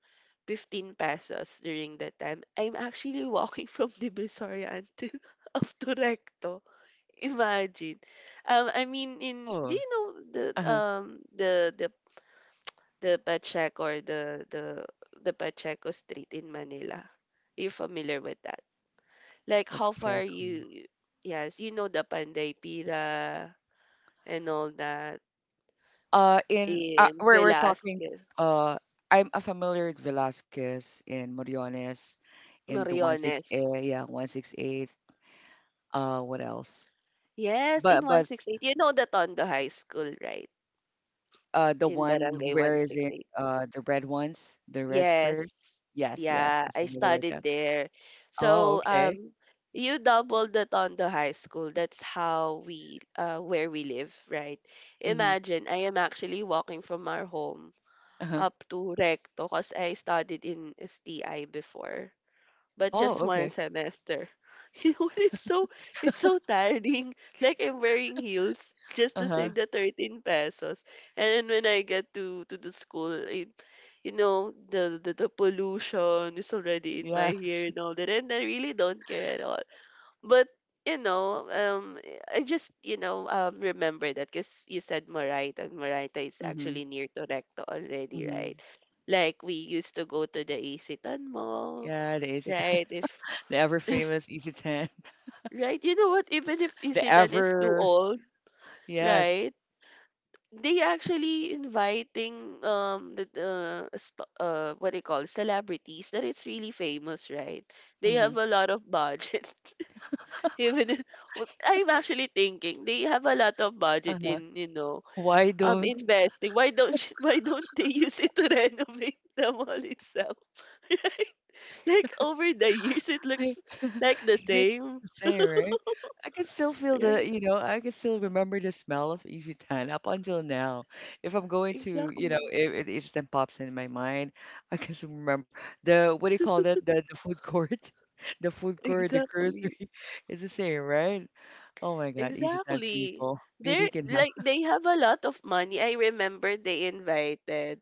Speaker 2: 15 pesos during that time. I'm actually walking from Divisoria until up to Recto. Imagine. I mean, in— do
Speaker 1: Oh,
Speaker 2: you know the,
Speaker 1: uh-huh.
Speaker 2: the the the Pacheco, or the Pacheco Street in Manila? You're familiar with that? Like, how far
Speaker 1: Pacheco.
Speaker 2: you? Yes, you know the Panday Pira and all that.
Speaker 1: In,
Speaker 2: In
Speaker 1: we're talking.
Speaker 2: Velasquez,
Speaker 1: Uh, I'm, familiar with Velasquez in Moriones in the one six
Speaker 2: Moriones.
Speaker 1: eight. Yeah, 168. What else?
Speaker 2: Yes, in
Speaker 1: But,
Speaker 2: 168. You know the Tondo High School, right?
Speaker 1: the
Speaker 2: In
Speaker 1: one who
Speaker 2: Barangay
Speaker 1: wears in,
Speaker 2: 168.
Speaker 1: uh, the red ones, the red skirt.
Speaker 2: Yes.
Speaker 1: Yes, yes, I'm
Speaker 2: Yeah, I
Speaker 1: familiar with that.
Speaker 2: studied there.
Speaker 1: Oh,
Speaker 2: So,
Speaker 1: okay.
Speaker 2: you doubled the Tondo High School. That's how we, where we live, right?
Speaker 1: Mm-hmm.
Speaker 2: Imagine, I am actually walking from our home
Speaker 1: Uh-huh.
Speaker 2: up to Recto because I studied in STI before, but
Speaker 1: Oh,
Speaker 2: just one
Speaker 1: okay.
Speaker 2: semester. You know what? It's so— it's so tiring. Like, I'm wearing heels just to
Speaker 1: Uh-huh.
Speaker 2: save the 13 pesos. And then when I get to the school, it, you know, the, the pollution is already in my
Speaker 1: Yes.
Speaker 2: hair and all that, and I really don't care at all. But, you know, I just, remember that, because you said Marayta, and Marayta is
Speaker 1: Mm-hmm.
Speaker 2: actually near to Recto already,
Speaker 1: Mm-hmm.
Speaker 2: right? Like, we used to go to the Isitan Mall,
Speaker 1: Yeah, the easy.
Speaker 2: right? If
Speaker 1: The ever
Speaker 2: if—
Speaker 1: famous Easy 10.
Speaker 2: right, you know what? Even if
Speaker 1: The
Speaker 2: Isitan is too
Speaker 1: ever,
Speaker 2: old,
Speaker 1: yes.
Speaker 2: right? They actually inviting the, what they call, celebrities that it's really famous, right? They
Speaker 1: Mhm.
Speaker 2: have a lot of budget. Even if— what I'm actually thinking, they have a lot of budget
Speaker 1: Uh-huh.
Speaker 2: in, you know,
Speaker 1: Why don't
Speaker 2: investing. Why don't why don't they use it to renovate the mall itself? Right? Like, over the years, it
Speaker 1: I
Speaker 2: looks like the
Speaker 1: it's
Speaker 2: same.
Speaker 1: the same, right? I can still feel the,
Speaker 2: Right?
Speaker 1: I can still remember the smell of Easy 10 up until now. If I'm going to,
Speaker 2: Exactly.
Speaker 1: if it Easy 10 pops in my mind, I can still remember the, what do you call that? The food court. The food court, the grocery.
Speaker 2: Exactly.
Speaker 1: It's the same, right? Oh my God, Easy 10
Speaker 2: Exactly.
Speaker 1: people. Maybe you
Speaker 2: They're
Speaker 1: can
Speaker 2: like,
Speaker 1: have.
Speaker 2: they have a lot of money. I remember they invited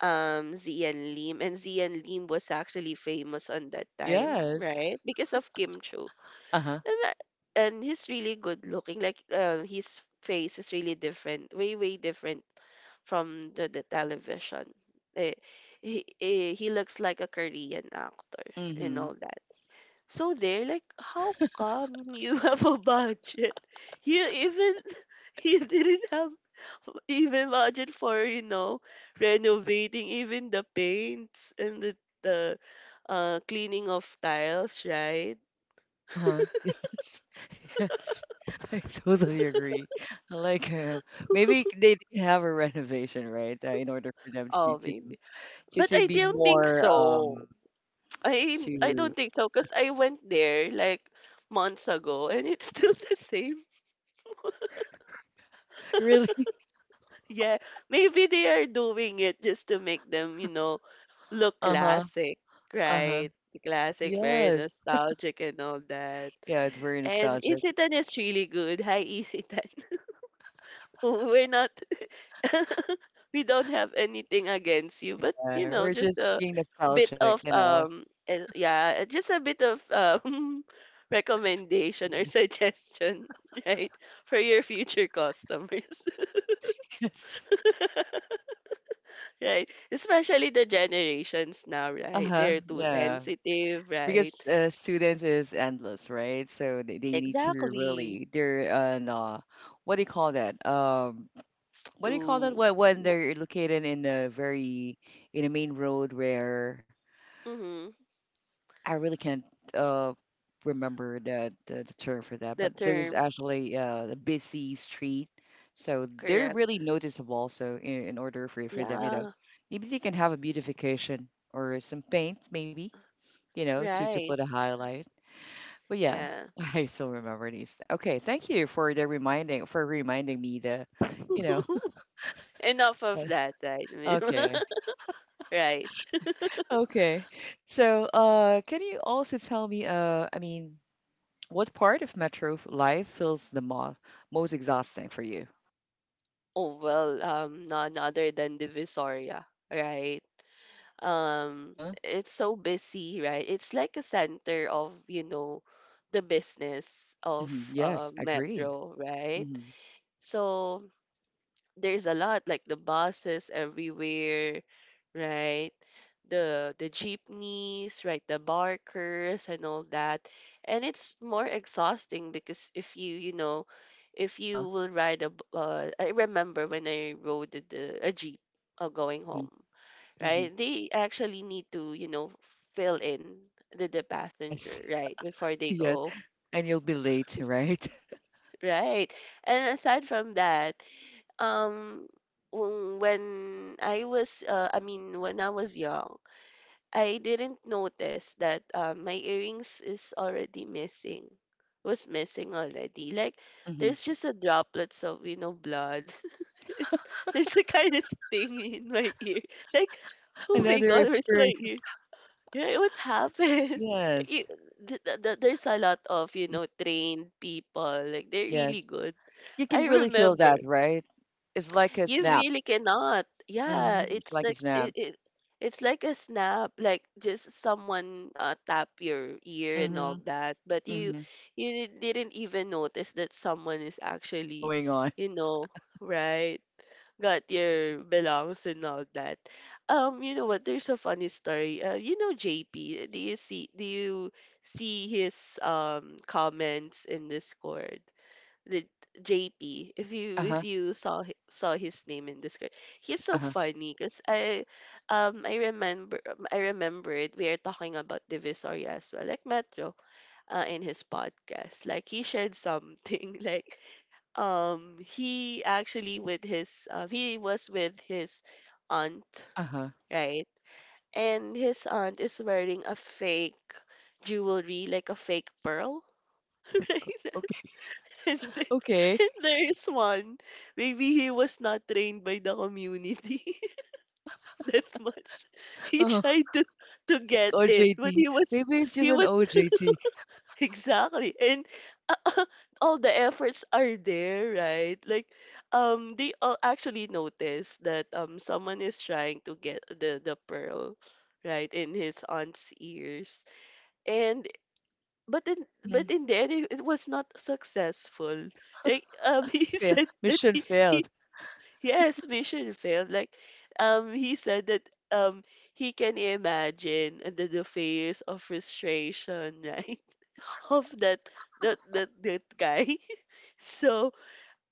Speaker 2: Zian Lim, and Zian Lim was actually famous on that time,
Speaker 1: Yes.
Speaker 2: right? Because of Kim Chu.
Speaker 1: Uh-huh.
Speaker 2: And that— and he's really good looking. Like, his face is really different, way way different from the television. Eh, he looks like a Korean actor and
Speaker 1: Mm-hmm.
Speaker 2: all that. So they're like, how come you have a budget? You even you didn't have even budget for, you know, renovating even the paints and the cleaning of tiles, right?
Speaker 1: Uh-huh. Yes. Yes. I totally agree. I Like, maybe they did have a renovation, right? In order for them to
Speaker 2: Oh,
Speaker 1: to
Speaker 2: maybe.
Speaker 1: to,
Speaker 2: But
Speaker 1: to
Speaker 2: I
Speaker 1: be
Speaker 2: don't think
Speaker 1: more,
Speaker 2: so. I
Speaker 1: to
Speaker 2: don't think so, because I went there like months ago and it's still the same.
Speaker 1: really.
Speaker 2: Yeah, maybe they are doing it just to make them, you know, look
Speaker 1: Uh-huh.
Speaker 2: classic,
Speaker 1: Uh-huh.
Speaker 2: right? Classic, very
Speaker 1: Yes.
Speaker 2: nostalgic and all that.
Speaker 1: Yeah, it's very
Speaker 2: And
Speaker 1: nostalgic.
Speaker 2: Isitan is really good. Hi, Isitan. We're not. We don't have anything against you, but you
Speaker 1: Yeah.
Speaker 2: know,
Speaker 1: We're
Speaker 2: just
Speaker 1: just
Speaker 2: a
Speaker 1: being
Speaker 2: bit
Speaker 1: nostalgic,
Speaker 2: of
Speaker 1: you know.
Speaker 2: yeah, just a bit of recommendation or suggestion, right, for your future customers,
Speaker 1: Yes.
Speaker 2: right? Especially the generations now, right?
Speaker 1: Uh-huh.
Speaker 2: They're too
Speaker 1: Yeah.
Speaker 2: sensitive, right?
Speaker 1: Because, students is endless, right? So they need to
Speaker 2: Exactly.
Speaker 1: really they're, no, what do you call that? What do you call that?
Speaker 2: To
Speaker 1: When they're located in a very, in a main road where
Speaker 2: mm-hmm,
Speaker 1: I really can't, uh remember the term for that,
Speaker 2: the
Speaker 1: but there's
Speaker 2: term,
Speaker 1: actually, a busy street, so they're
Speaker 2: correct?
Speaker 1: really noticeable. So in order for them,
Speaker 2: Yeah,
Speaker 1: maybe they can have a beautification or some paint, maybe, you know, to put
Speaker 2: right.
Speaker 1: a highlight. But yeah.
Speaker 2: Yeah.
Speaker 1: I still remember these. Okay, thank you for the reminding for reminding me the, you know.
Speaker 2: Enough of that, right?
Speaker 1: Okay.
Speaker 2: Right.
Speaker 1: Okay. So, can you also tell me, I mean, what part of metro, life feels the most exhausting for you?
Speaker 2: Oh well, none other than Divisoria, right? Um,
Speaker 1: Uh-huh.
Speaker 2: it's so busy, right? It's like a center of, you know, the business of
Speaker 1: hmm Yes, I agree.
Speaker 2: Metro, right?
Speaker 1: Hmm
Speaker 2: So there's a lot like the buses everywhere, right? The jeepneys, right? The barkers and all that. And it's more exhausting because if you, you know, if you
Speaker 1: Uh-huh.
Speaker 2: will ride I remember when I rode a jeep going
Speaker 1: hmm
Speaker 2: home,
Speaker 1: hmm
Speaker 2: right? They actually need to, you know, fill in the
Speaker 1: Yes.
Speaker 2: passenger, right, before they
Speaker 1: Yes.
Speaker 2: go.
Speaker 1: And you'll be late, right?
Speaker 2: Right. And aside from that, um, when I was, I mean, when I was young, I didn't notice that my earrings is already missing, was missing already. Like,
Speaker 1: hmm
Speaker 2: there's just a droplets of, you know, blood. It's there's a kind of thing in my ear. Like, oh my
Speaker 1: Another
Speaker 2: God, where's
Speaker 1: experience.
Speaker 2: my ear? Yeah, what happened? Like, you,
Speaker 1: Yes.
Speaker 2: there's a lot of, you know, trained people. Like, they're really
Speaker 1: Yes.
Speaker 2: good.
Speaker 1: You can
Speaker 2: I
Speaker 1: really feel
Speaker 2: remember.
Speaker 1: that, right? It's like a
Speaker 2: You
Speaker 1: snap.
Speaker 2: really cannot.
Speaker 1: Hmm
Speaker 2: Yeah,
Speaker 1: It's
Speaker 2: it's
Speaker 1: like a
Speaker 2: like
Speaker 1: snap.
Speaker 2: it, it's like a snap, like just someone tap your ear and all
Speaker 1: Hmm
Speaker 2: that, but you
Speaker 1: hmm
Speaker 2: you didn't even notice that someone is actually,
Speaker 1: Going on.
Speaker 2: you know, right? Got your belongs and all that. You know what? There's a funny story. You know JP, do you see his comments in Discord? The JP. If you
Speaker 1: Uh-huh.
Speaker 2: if you saw saw his name in Discord, he's so
Speaker 1: Uh-huh.
Speaker 2: funny. Cause I I remember I remembered we are talking about Divisoria as well, like Metro, in his podcast. Like he shared something like he actually with his he was with his aunt,
Speaker 1: Uh-huh.
Speaker 2: right? And his aunt is wearing a fake jewelry, like a fake pearl, right?
Speaker 1: Okay.
Speaker 2: And then,
Speaker 1: Okay.
Speaker 2: and there is one. Maybe he was not trained by the community that much. He
Speaker 1: Uh-huh.
Speaker 2: tried to
Speaker 1: Like
Speaker 2: get it, but
Speaker 1: OJT.
Speaker 2: he was
Speaker 1: Maybe it's just
Speaker 2: he
Speaker 1: an
Speaker 2: was
Speaker 1: OJT.
Speaker 2: exactly. And uh, all the efforts are there, right? Like they all actually notice that someone is trying to get the pearl right in his aunt's ears. And but in but
Speaker 1: Mm-hmm.
Speaker 2: in the end it was not successful like he
Speaker 1: Fail.
Speaker 2: said that
Speaker 1: Mission
Speaker 2: he
Speaker 1: failed.
Speaker 2: yes, mission failed like he said that um he can imagine under the face of frustration, right, of that guy so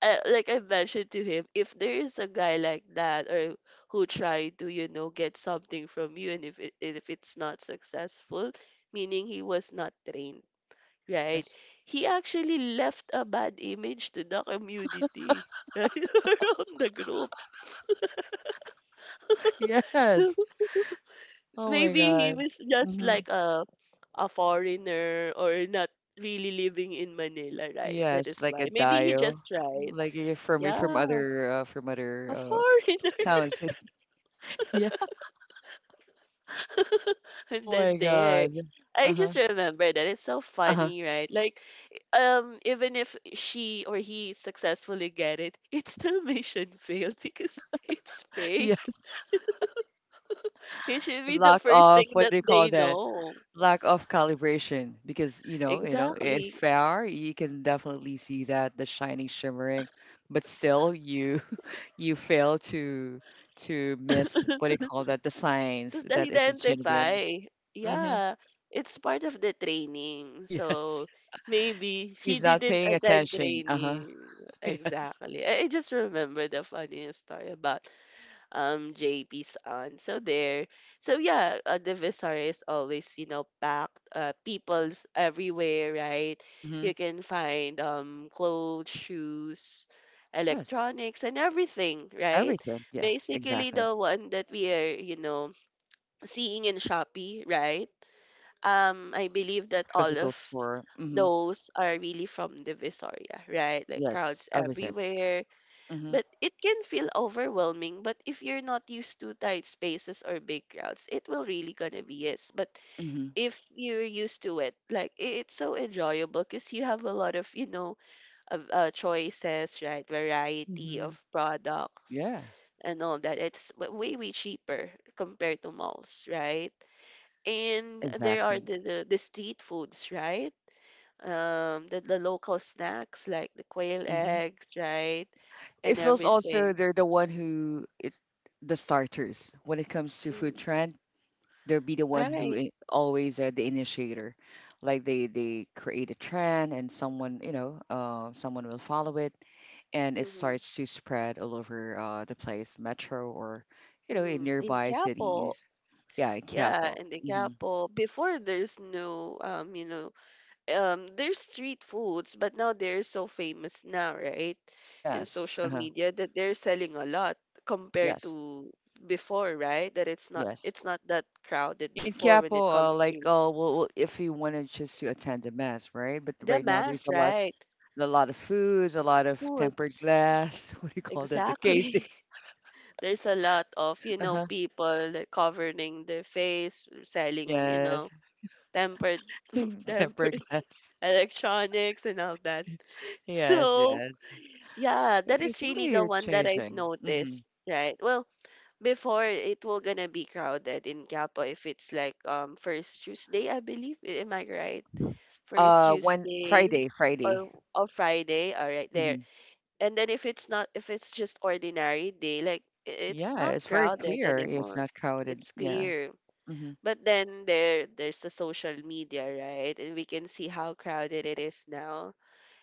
Speaker 2: like I mentioned to him if there is a guy like that or who tried to you know get something from you and if it's not successful, meaning he was not trained. Right.
Speaker 1: Yes.
Speaker 2: He actually left a bad image to the community, right? Around the group. So
Speaker 1: Yes. Oh my
Speaker 2: maybe he
Speaker 1: God.
Speaker 2: was just
Speaker 1: Mm-hmm.
Speaker 2: like a foreigner or not really living in Manila, right? That
Speaker 1: Yes,
Speaker 2: is
Speaker 1: like a
Speaker 2: why. Maybe he
Speaker 1: Dio.
Speaker 2: just tried.
Speaker 1: Like you're from you're
Speaker 2: Yeah,
Speaker 1: from other, from
Speaker 2: a
Speaker 1: other,
Speaker 2: foreigner.
Speaker 1: uh town city. Yeah.
Speaker 2: And
Speaker 1: Oh
Speaker 2: then
Speaker 1: my
Speaker 2: there.
Speaker 1: God.
Speaker 2: I
Speaker 1: Uh-huh.
Speaker 2: just remember that it's so
Speaker 1: Uh-huh.
Speaker 2: funny, right? Like, even if she or he successfully get it, it's still mission failed because it's fake.
Speaker 1: Yes.
Speaker 2: It should be the
Speaker 1: Lock
Speaker 2: first
Speaker 1: off.
Speaker 2: thing
Speaker 1: What do
Speaker 2: that
Speaker 1: you call
Speaker 2: they
Speaker 1: that?
Speaker 2: know.
Speaker 1: Lack of calibration, because you know in
Speaker 2: Exactly.
Speaker 1: fair you can definitely see that the shining shimmering, but still you you fail to miss, what do you call that, the signs
Speaker 2: To
Speaker 1: that it's a genuine.
Speaker 2: identify.
Speaker 1: Mm-hmm.
Speaker 2: Yeah. It's part of the training.
Speaker 1: Yes,
Speaker 2: So maybe she
Speaker 1: he's not
Speaker 2: didn't
Speaker 1: paying
Speaker 2: attend
Speaker 1: attention, uh-huh.
Speaker 2: training.
Speaker 1: Yes.
Speaker 2: Exactly. I just remember the funniest story about JP's aunt. So there. So yeah, the Visari is always, you know, packed. People's everywhere, right?
Speaker 1: Mm-hmm.
Speaker 2: You can find clothes, shoes,
Speaker 1: Yes,
Speaker 2: electronics and everything, right?
Speaker 1: everything, yeah,
Speaker 2: Basically
Speaker 1: exactly.
Speaker 2: the one that we are, you know, seeing in Shopee, right? I believe that all of
Speaker 1: Physical store. Mm-hmm.
Speaker 2: those are really from the Visoria, right? Like
Speaker 1: Yes,
Speaker 2: crowds
Speaker 1: everything.
Speaker 2: everywhere
Speaker 1: Mm-hmm.
Speaker 2: but it can feel overwhelming, but if you're not used to tight spaces or big crowds, it will really gonna be yes. But
Speaker 1: Mm-hmm.
Speaker 2: if you're used to it, like it's so enjoyable because you have a lot of, you know, of choices, right? Variety
Speaker 1: Mm-hmm.
Speaker 2: of products
Speaker 1: Yeah,
Speaker 2: and all that. It's way, way cheaper compared to malls, right? And there are
Speaker 1: exactly.
Speaker 2: the street foods, right? The local snacks like the quail
Speaker 1: Mm-hmm.
Speaker 2: eggs, right?
Speaker 1: It
Speaker 2: And
Speaker 1: feels
Speaker 2: everything.
Speaker 1: also they're the one who it, the starters when it comes to food
Speaker 2: Mm.
Speaker 1: trend. They'll be the one who,
Speaker 2: Right.
Speaker 1: always are the initiator. Like they create a trend and someone, someone will follow it, and it
Speaker 2: Mm-hmm.
Speaker 1: starts to spread all over, the place, metro or, in
Speaker 2: Mm-hmm. In
Speaker 1: nearby
Speaker 2: Quiapo.
Speaker 1: cities. Yeah, in
Speaker 2: Yeah,
Speaker 1: Quiapo.
Speaker 2: and in
Speaker 1: Hmm
Speaker 2: Quiapo, before there's no you know, there's street foods, but now they're so famous now, right? In
Speaker 1: Yes.
Speaker 2: social
Speaker 1: Uh-huh.
Speaker 2: media that they're selling a lot compared
Speaker 1: Yes.
Speaker 2: to before, right? That it's
Speaker 1: Yes.
Speaker 2: not that crowded
Speaker 1: In
Speaker 2: before when
Speaker 1: Quiapo,
Speaker 2: it comes
Speaker 1: like,
Speaker 2: to
Speaker 1: well, if you wanted just to attend the mass, right? But
Speaker 2: the
Speaker 1: right now
Speaker 2: mass,
Speaker 1: there's a lot.
Speaker 2: right?
Speaker 1: A lot of foods, a lot of tempered
Speaker 2: Foods.
Speaker 1: glass. What do you call that? The casing.
Speaker 2: Exactly. There's a lot of, you know,
Speaker 1: Uh-huh.
Speaker 2: people that covering their face, selling, you
Speaker 1: Yes.
Speaker 2: know, tempered
Speaker 1: Tempered
Speaker 2: tempered
Speaker 1: glass.
Speaker 2: electronics and all that.
Speaker 1: Yes,
Speaker 2: So,
Speaker 1: yes.
Speaker 2: yeah, that is
Speaker 1: It's
Speaker 2: really the
Speaker 1: really
Speaker 2: one that I've
Speaker 1: changing. Hmm
Speaker 2: noticed, right? Well, before it will gonna be crowded in Capo if it's like first Tuesday, I believe. Am I right? First
Speaker 1: When
Speaker 2: Tuesday
Speaker 1: Friday.
Speaker 2: or Friday, all right, there.
Speaker 1: Hmm
Speaker 2: And then if it's just ordinary day, like it's
Speaker 1: Yeah,
Speaker 2: not
Speaker 1: it's very
Speaker 2: crowded
Speaker 1: clear. It's
Speaker 2: anymore.
Speaker 1: not crowded.
Speaker 2: It's
Speaker 1: Yeah.
Speaker 2: clear.
Speaker 1: hmm
Speaker 2: But then there there's the social media, right? And we can see how crowded it is now.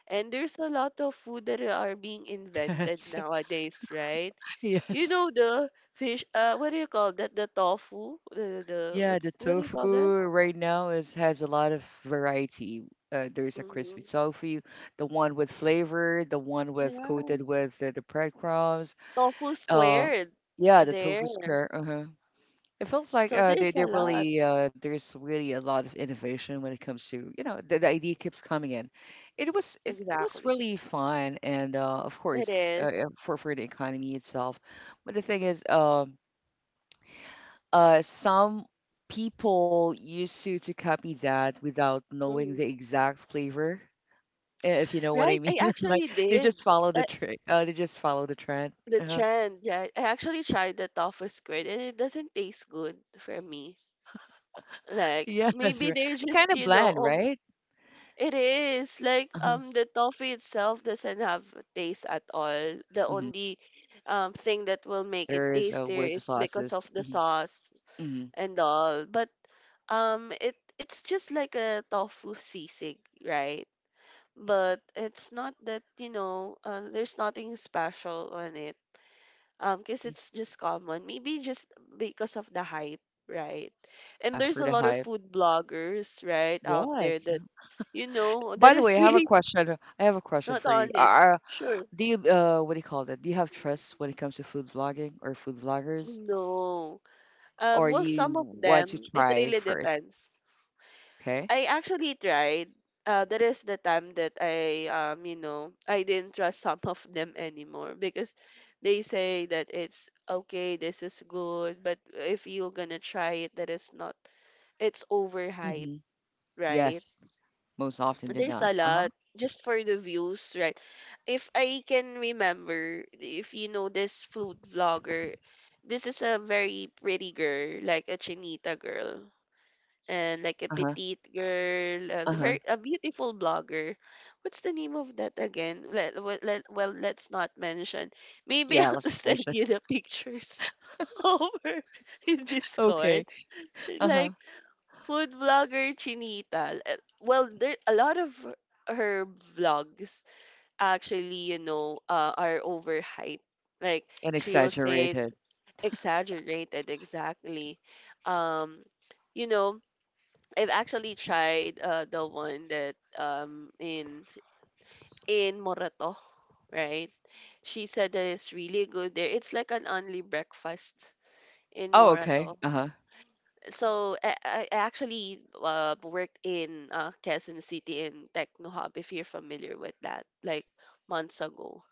Speaker 2: And there's a lot of food that are being invented
Speaker 1: Yes.
Speaker 2: nowadays, right? You
Speaker 1: Yes.
Speaker 2: know the fish what do you call that? The tofu? The
Speaker 1: Yeah,
Speaker 2: what's
Speaker 1: the
Speaker 2: what do you call that?
Speaker 1: tofu right now is has a lot of variety. There's a
Speaker 2: Mm,
Speaker 1: crispy tofu, the one with flavor, the one with
Speaker 2: yeah,
Speaker 1: coated with the breadcrumbs.
Speaker 2: tofu
Speaker 1: Uh,
Speaker 2: squared.
Speaker 1: yeah, the
Speaker 2: There.
Speaker 1: tofu square. Uh-huh. It feels like
Speaker 2: So
Speaker 1: uh, they
Speaker 2: there's
Speaker 1: they
Speaker 2: a lot.
Speaker 1: really there's really a lot of innovation when it comes to you know the idea keeps coming in. It was
Speaker 2: Exactly.
Speaker 1: really fun and of
Speaker 2: It
Speaker 1: course
Speaker 2: is.
Speaker 1: for the economy itself. But the thing is, some people used to copy that without knowing
Speaker 2: Mhm.
Speaker 1: the exact flavor, if you know what I
Speaker 2: Right?
Speaker 1: mean.
Speaker 2: I
Speaker 1: Like
Speaker 2: actually
Speaker 1: they
Speaker 2: did.
Speaker 1: just follow the
Speaker 2: I,
Speaker 1: trick. They just follow the trend.
Speaker 2: The
Speaker 1: Uh-huh.
Speaker 2: trend, yeah. I actually tried the tofu squid and it doesn't taste good for me. Like
Speaker 1: Yeah, that's
Speaker 2: maybe
Speaker 1: right.
Speaker 2: they're
Speaker 1: It kind
Speaker 2: just,
Speaker 1: of
Speaker 2: you know,
Speaker 1: bland,
Speaker 2: over
Speaker 1: right?
Speaker 2: it is like
Speaker 1: Uh-huh.
Speaker 2: the tofu itself doesn't have a taste at all. The
Speaker 1: Mhm.
Speaker 2: only thing that will make it
Speaker 1: Batters
Speaker 2: tastier
Speaker 1: with the
Speaker 2: is because
Speaker 1: sauces.
Speaker 2: of the sauce
Speaker 1: Hmm
Speaker 2: and all. But um, it's just like a tofu sisig, right? But it's not that, you know, there's nothing special on it because
Speaker 1: hmm
Speaker 2: it's just common maybe just because of the hype, right, and
Speaker 1: Yeah,
Speaker 2: there's
Speaker 1: for
Speaker 2: a
Speaker 1: the
Speaker 2: lot of
Speaker 1: hype.
Speaker 2: food bloggers, right, out there
Speaker 1: Yes.
Speaker 2: that you know
Speaker 1: By
Speaker 2: that
Speaker 1: the way,
Speaker 2: is
Speaker 1: I have a
Speaker 2: really
Speaker 1: question. I have a question
Speaker 2: not
Speaker 1: for you.
Speaker 2: honest, sure.
Speaker 1: Do you what do you call that? Do you have trust when it comes to food vlogging or food vloggers,
Speaker 2: No,
Speaker 1: or
Speaker 2: well,
Speaker 1: you
Speaker 2: some of
Speaker 1: want to
Speaker 2: them, it
Speaker 1: try
Speaker 2: really
Speaker 1: first?
Speaker 2: depends.
Speaker 1: Okay.
Speaker 2: I actually tried that is the time that I you know I didn't trust some of them anymore because they say that it's okay, this is good, but if you're gonna try it that is not, it's overhyped,
Speaker 1: Mm-hmm.
Speaker 2: right?
Speaker 1: Yes. Most often did
Speaker 2: There's
Speaker 1: not.
Speaker 2: a
Speaker 1: Uh-huh.
Speaker 2: lot just for the views, right? If I can remember, if you know this food vlogger, this is a very pretty girl, like a chinita girl, and like a
Speaker 1: Uh-huh.
Speaker 2: petite girl, a
Speaker 1: Uh-huh.
Speaker 2: very a beautiful blogger. What's the name of that again? Let's not mention. Maybe
Speaker 1: Yeah,
Speaker 2: I'll
Speaker 1: less
Speaker 2: send
Speaker 1: efficient.
Speaker 2: you the pictures over in
Speaker 1: Okay.
Speaker 2: Discord.
Speaker 1: Uh-huh.
Speaker 2: Like food vlogger Chinita. Well, there a lot of her vlogs actually, you know, are overhyped. Like
Speaker 1: And
Speaker 2: she'll say
Speaker 1: exaggerated.
Speaker 2: exaggerated, exactly. Um, you know, I've actually tried the one that in Morato, right? She said that it's really good there. It's like an only breakfast in
Speaker 1: Oh, okay.
Speaker 2: Morato.
Speaker 1: Uh-huh.
Speaker 2: So I actually worked in Quezon City in Techno Hub, if you're familiar with that, like months ago.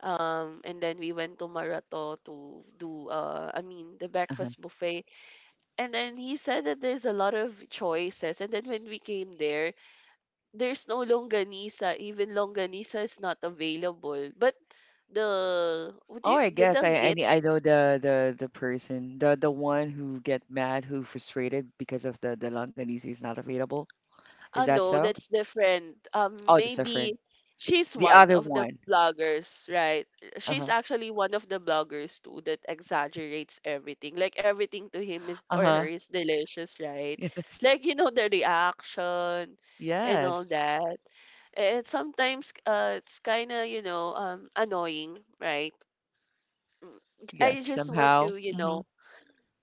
Speaker 2: And then we went to Marato to do, I mean, the
Speaker 1: Uh-huh.
Speaker 2: breakfast buffet. And then he said that there's a lot of choices. And then when we came there, there's no longanisa. Even longanisa is not available. But the, what do
Speaker 1: Oh,
Speaker 2: you,
Speaker 1: I
Speaker 2: the
Speaker 1: guess
Speaker 2: danggit,
Speaker 1: I know the the person, the one who get mad, who frustrated because of the longanisa is not available. Is
Speaker 2: oh
Speaker 1: that
Speaker 2: no,
Speaker 1: so?
Speaker 2: that's different.
Speaker 1: Oh, that's different.
Speaker 2: Maybe she's
Speaker 1: The
Speaker 2: one
Speaker 1: other
Speaker 2: of the
Speaker 1: one.
Speaker 2: bloggers, right? She's
Speaker 1: Uh-huh.
Speaker 2: actually one of the bloggers too that exaggerates everything. Like everything to him is, or her
Speaker 1: Uh-huh.
Speaker 2: is delicious, right? Like you know the reaction and all
Speaker 1: Yes. Yes.
Speaker 2: that. And sometimes it's kind of you know annoying, right? Mm,
Speaker 1: Yes.
Speaker 2: I just want
Speaker 1: Somehow.
Speaker 2: to you know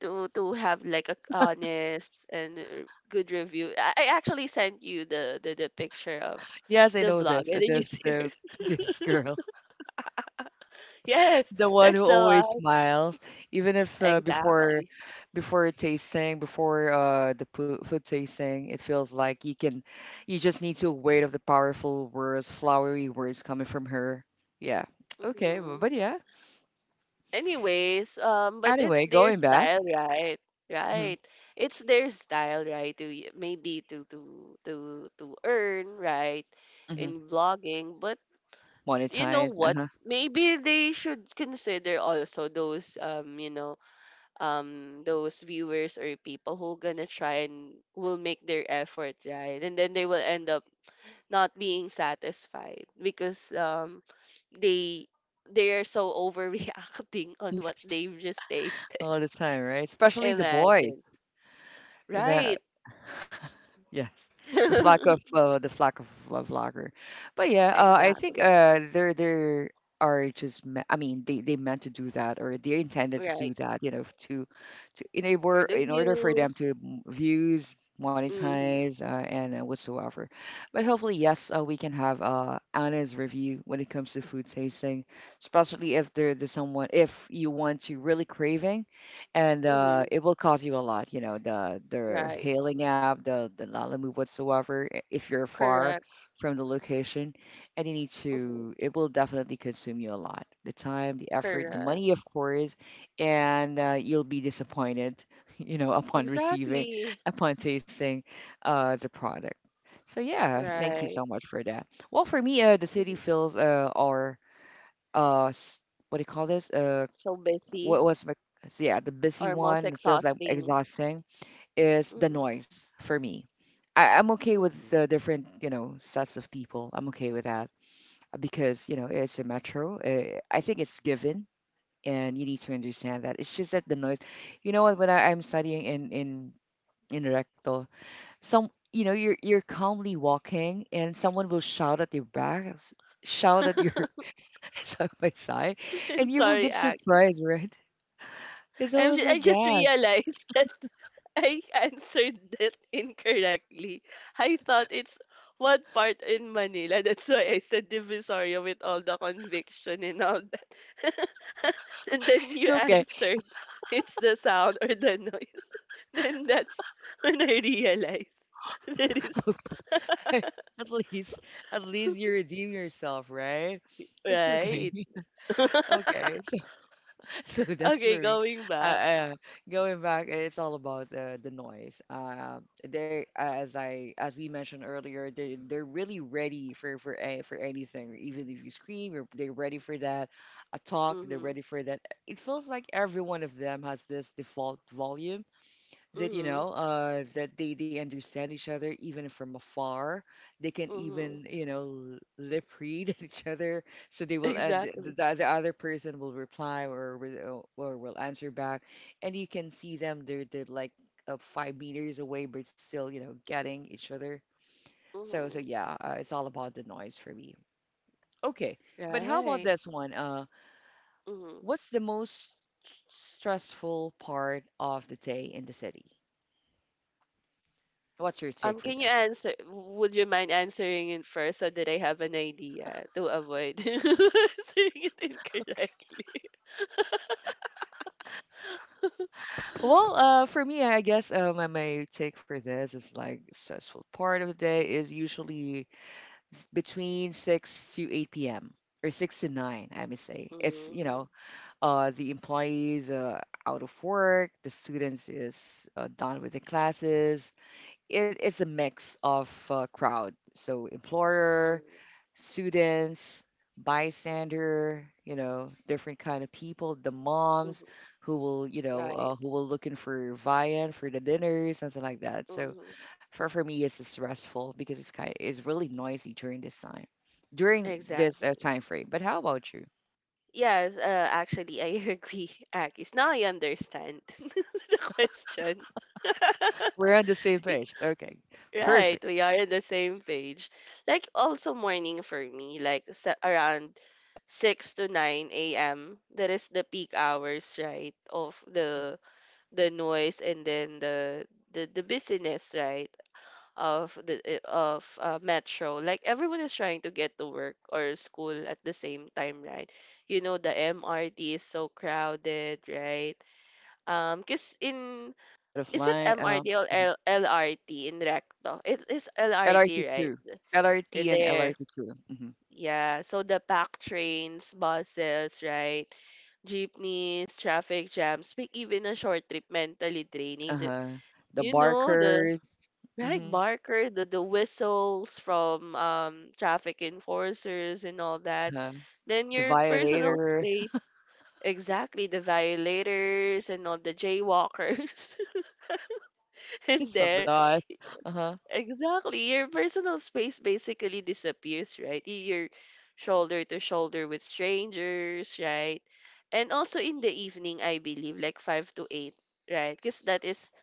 Speaker 2: to have like a honest and good review. I actually sent you the picture of
Speaker 1: Yes, I
Speaker 2: the
Speaker 1: know
Speaker 2: vlog,
Speaker 1: this.
Speaker 2: and then you
Speaker 1: This
Speaker 2: see her.
Speaker 1: this girl,
Speaker 2: Yes,
Speaker 1: the one who
Speaker 2: that's the
Speaker 1: always
Speaker 2: one.
Speaker 1: smiles, even if
Speaker 2: Exactly.
Speaker 1: before tasting, before the food tasting, it feels like you can, you just need to wait of the powerful words, flowery words coming from her. Yeah. Okay.
Speaker 2: hmm
Speaker 1: But yeah.
Speaker 2: Anyways, but it's
Speaker 1: Anyway,
Speaker 2: their
Speaker 1: going back.
Speaker 2: style, right?
Speaker 1: Mm-hmm.
Speaker 2: Right. It's their style, right? Maybe to earn, right?
Speaker 1: Mm-hmm.
Speaker 2: In vlogging, but you know
Speaker 1: Monetize.
Speaker 2: what?
Speaker 1: Uh-huh.
Speaker 2: Maybe they should consider also those you know, those viewers or people who gonna try and will make their effort, right, and then they will end up not being satisfied because um they they are so overreacting on what
Speaker 1: Yes.
Speaker 2: they've just tasted
Speaker 1: All the time, right? Especially the boys.
Speaker 2: imagine
Speaker 1: Ima-
Speaker 2: right
Speaker 1: Yes, the flock of lager, but yeah, I think
Speaker 2: exactly
Speaker 1: they are just I mean they meant to do that or they intended to
Speaker 2: right
Speaker 1: do that you know to
Speaker 2: for
Speaker 1: enable
Speaker 2: the
Speaker 1: in order for them to
Speaker 2: views
Speaker 1: views
Speaker 2: mhm
Speaker 1: monetize and whatsoever, but hopefully yes we can have Anna's review when it comes to food tasting, especially if there's someone if you want to really craving and
Speaker 2: mhm
Speaker 1: it will cost you a lot. You know, the
Speaker 2: right
Speaker 1: hailing app, the Lalamove whatsoever. If you're far
Speaker 2: correct
Speaker 1: from the location, and you need
Speaker 2: mhm
Speaker 1: to, it will definitely consume you a lot. The time, the effort, the
Speaker 2: correct
Speaker 1: money, of course, and you'll be disappointed. You know, upon receiving,
Speaker 2: exactly
Speaker 1: upon tasting the product. So yeah, thank you
Speaker 2: right
Speaker 1: so much for that. Well, for me, the city
Speaker 2: mhm
Speaker 1: feels our uh, s- what do you call this?
Speaker 2: so busy
Speaker 1: What was my so yeah the busy
Speaker 2: or most
Speaker 1: one it feels like
Speaker 2: exhausting.
Speaker 1: exhausting is the
Speaker 2: Mm-hmm,
Speaker 1: noise for me. I'm okay
Speaker 2: hmm
Speaker 1: with the different you know sets of people. I'm okay with that because you know it's a metro, I think it's given and you need to understand that it's just that the noise, you know what, when I'm studying in rectal, some you know you're calmly walking and someone will shout at your back, s- shout at your side by side,
Speaker 2: I'm
Speaker 1: and you will
Speaker 2: sorry,
Speaker 1: get
Speaker 2: Aki.
Speaker 1: surprised, right? It's
Speaker 2: I'm
Speaker 1: always
Speaker 2: ju- I
Speaker 1: like
Speaker 2: just
Speaker 1: that.
Speaker 2: realized that I answered that incorrectly. I thought it's one part in Manila. That's why I said Divisoria with all the conviction and all that. And then you
Speaker 1: It's okay.
Speaker 2: answered it's the sound or the noise. Then that's when I realized that is
Speaker 1: Okay. At least, at least you redeem yourself, right? It's okay.
Speaker 2: right.
Speaker 1: Okay. So, so that's
Speaker 2: Okay,
Speaker 1: for me.
Speaker 2: going
Speaker 1: Uh,
Speaker 2: back.
Speaker 1: uh, Going back, it's all about the noise. They as I as we mentioned earlier, they're really ready for anything. Even if you scream, they're ready for that. A talk, they're
Speaker 2: Mm-hmm.
Speaker 1: ready for that. It feels like every one of them has this default volume that you
Speaker 2: Mm-hmm.
Speaker 1: know that they understand each other even from afar. They can
Speaker 2: Mm-hmm.
Speaker 1: even you know lip read each other, so they will, and
Speaker 2: Exactly.
Speaker 1: the other person will reply or will answer back, and you can see them. They're like 5 meters away but still you know getting each other. So
Speaker 2: Mhm.
Speaker 1: yeah it's all about the noise for me. Okay, but how about
Speaker 2: Right.
Speaker 1: this one?
Speaker 2: Mhm.
Speaker 1: What's the most stressful part of the day in the city? What's your take for
Speaker 2: Can you
Speaker 1: this?
Speaker 2: answer? Would you mind answering it first so that I have an idea to avoid answering it incorrectly?
Speaker 1: Well, for me, I guess my my take for this is like stressful part of the day is usually between 6 to 8 p.m. or 6 to 9, I may say. It's, you
Speaker 2: Mm.
Speaker 1: know, the employees out of work, the students is done with the classes. It's a mix of crowd. So employer,
Speaker 2: Mm.
Speaker 1: students, bystander, you know, different kind of people, the moms
Speaker 2: Mhm.
Speaker 1: who will, you know,
Speaker 2: Right.
Speaker 1: who will looking for viand for the dinner, something like that. So
Speaker 2: Hmm.
Speaker 1: for me, it's stressful because it's kind it's really noisy during this
Speaker 2: Exactly.
Speaker 1: time frame. But how about you?
Speaker 2: Yes, actually, I agree, Akis. Now I understand the question.
Speaker 1: We're on the same page. Okay, perfect.
Speaker 2: Right, we are in the same page. Like also morning for me, like sa around
Speaker 1: Yeah,
Speaker 2: 6 to 9 a.m. That is the peak hours, right, of
Speaker 1: mhm.
Speaker 2: the noise, and then the busyness, right, of metro. Like everyone is trying to get to work or school at the same time, right? You know, the MRT is so crowded, right? Cause in
Speaker 1: A lot of
Speaker 2: is it
Speaker 1: line.
Speaker 2: MRT or L LRT in Recto? It is
Speaker 1: LRT
Speaker 2: LRT, right?
Speaker 1: two,
Speaker 2: You're
Speaker 1: LRT and
Speaker 2: there.
Speaker 1: LRT two. Mm-hmm.
Speaker 2: Yeah. So the pack trains, buses, right? Jeepneys, traffic jams, make even a short trip mentally draining. The,
Speaker 1: Uh-huh. The
Speaker 2: you know, the
Speaker 1: barkers.
Speaker 2: right
Speaker 1: Mm-hmm.
Speaker 2: barker, the whistles from traffic enforcers and all that.
Speaker 1: Uh-huh.
Speaker 2: Then
Speaker 1: The
Speaker 2: your personal
Speaker 1: violator.
Speaker 2: space. Exactly, the violators and all the jaywalkers in
Speaker 1: There's a
Speaker 2: there.
Speaker 1: lot. Uh-huh.
Speaker 2: Exactly. Your personal space basically disappears, right? You're shoulder to shoulder with strangers, right? And also in the evening, I believe, like 5 to 8, right? Because
Speaker 1: Yes.
Speaker 2: that is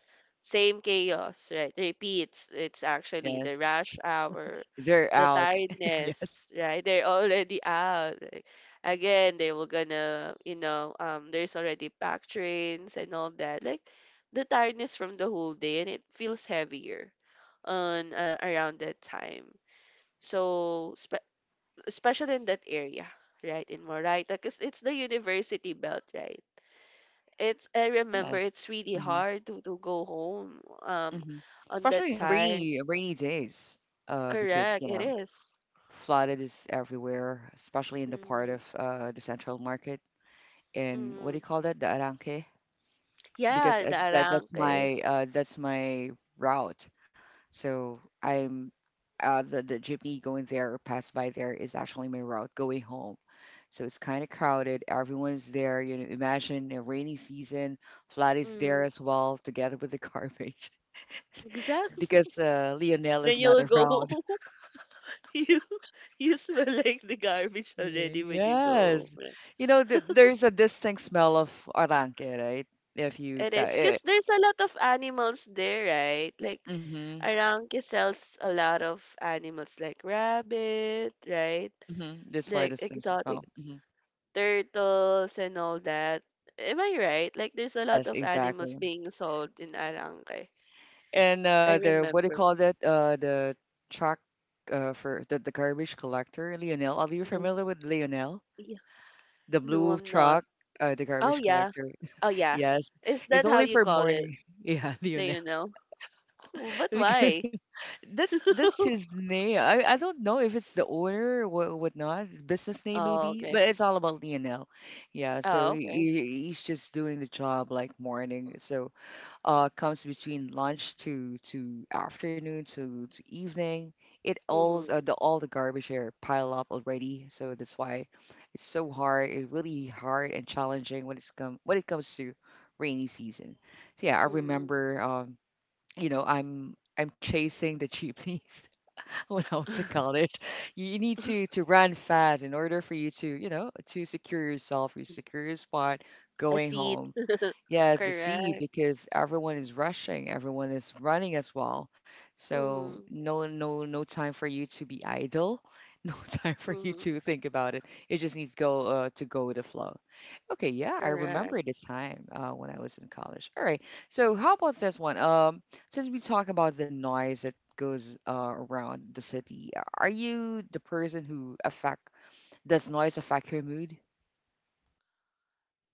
Speaker 2: same chaos, right? Repeats. It's actually the
Speaker 1: Yes.
Speaker 2: rush hour,
Speaker 1: They're
Speaker 2: the
Speaker 1: out. Yes.
Speaker 2: tiredness, right? They're already out. Like, again, they were gonna, there's already packed trains and all that. Like the tiredness from the whole day, and it feels heavier on around that time. So spe especially in that area, right, in Moraita, because it's the university belt, right? It's I remember
Speaker 1: Yes.
Speaker 2: it's really
Speaker 1: Mm-hmm.
Speaker 2: hard to go home
Speaker 1: Mm-hmm.
Speaker 2: on that
Speaker 1: Especially in
Speaker 2: time.
Speaker 1: rainy days. Because,
Speaker 2: Correct,
Speaker 1: you
Speaker 2: it
Speaker 1: know,
Speaker 2: is.
Speaker 1: flooded is everywhere, especially in the part of
Speaker 2: Mm-hmm.
Speaker 1: the central market and what
Speaker 2: Mm-hmm.
Speaker 1: do you call that? The Arangke? Because
Speaker 2: Yeah, the Arangke.
Speaker 1: that's my route. So I'm the jeepney going there or pass by there is actually my route going home. So it's kind of crowded. Everyone's there. You know, imagine a rainy season. Vlad is there
Speaker 2: Mm,
Speaker 1: as well, together with the garbage,
Speaker 2: exactly.
Speaker 1: because Lionel
Speaker 2: Then
Speaker 1: is not
Speaker 2: you'll go.
Speaker 1: around.
Speaker 2: You you smell like the garbage already when you go home,
Speaker 1: Yes,
Speaker 2: right?
Speaker 1: you know, th there's a distinct smell of aranque, right? If you,
Speaker 2: It
Speaker 1: pa-
Speaker 2: is
Speaker 1: eh,
Speaker 2: because there's a lot of animals there, right? Like
Speaker 1: mm-hmm,
Speaker 2: Arangke sells a lot of animals like rabbit, right?
Speaker 1: mm-hmm. That's why
Speaker 2: Like
Speaker 1: distinct
Speaker 2: exotic
Speaker 1: smell.
Speaker 2: turtles and all that. Am I right? Like there's a lot
Speaker 1: Yes,
Speaker 2: of animals
Speaker 1: exactly.
Speaker 2: being sold in Arangke.
Speaker 1: And
Speaker 2: I
Speaker 1: the what do you
Speaker 2: remember.
Speaker 1: call that? The truck for the garbage collector, Lionel. Are you
Speaker 2: Yeah.
Speaker 1: familiar with Lionel?
Speaker 2: Yeah.
Speaker 1: The
Speaker 2: No,
Speaker 1: blue
Speaker 2: I'm not.
Speaker 1: truck, the
Speaker 2: Oh
Speaker 1: garbage
Speaker 2: yeah.
Speaker 1: collector.
Speaker 2: Oh yeah.
Speaker 1: Yes,
Speaker 2: Is
Speaker 1: it's
Speaker 2: that how
Speaker 1: only
Speaker 2: you
Speaker 1: for
Speaker 2: call it,
Speaker 1: morning. Yeah, Lionel.
Speaker 2: Leonel? But
Speaker 1: Because
Speaker 2: why?
Speaker 1: that's his name. I don't know if it's the owner or whatnot, business name
Speaker 2: Oh,
Speaker 1: maybe,
Speaker 2: okay.
Speaker 1: but it's all about Lionel. Yeah, so
Speaker 2: Oh, okay.
Speaker 1: he's just doing the job like morning. So comes between lunch to afternoon to evening. It all
Speaker 2: Mm-hmm.
Speaker 1: the all the garbage here pile up already, so that's why it's so hard. It's really hard and challenging when it comes to rainy season. So yeah, I
Speaker 2: Mm-hmm.
Speaker 1: remember. You know, I'm chasing the jeepneys when I was in college. You need to run fast in order for you to you know to secure yourself, you secure your spot
Speaker 2: A
Speaker 1: going
Speaker 2: seat.
Speaker 1: home. Yeah, it's the sea
Speaker 2: Correct.
Speaker 1: because everyone is rushing, everyone is running as well. So
Speaker 2: Mm-hmm.
Speaker 1: no time for you to be idle, no time for you
Speaker 2: Mm-hmm.
Speaker 1: to think about it. It just needs to go with the flow. Okay, yeah, I
Speaker 2: Correct.
Speaker 1: remember the time when I was in college. All right, so how about this one? Since we talk about the noise that goes around the city, are you the person who affect does noise affect your mood?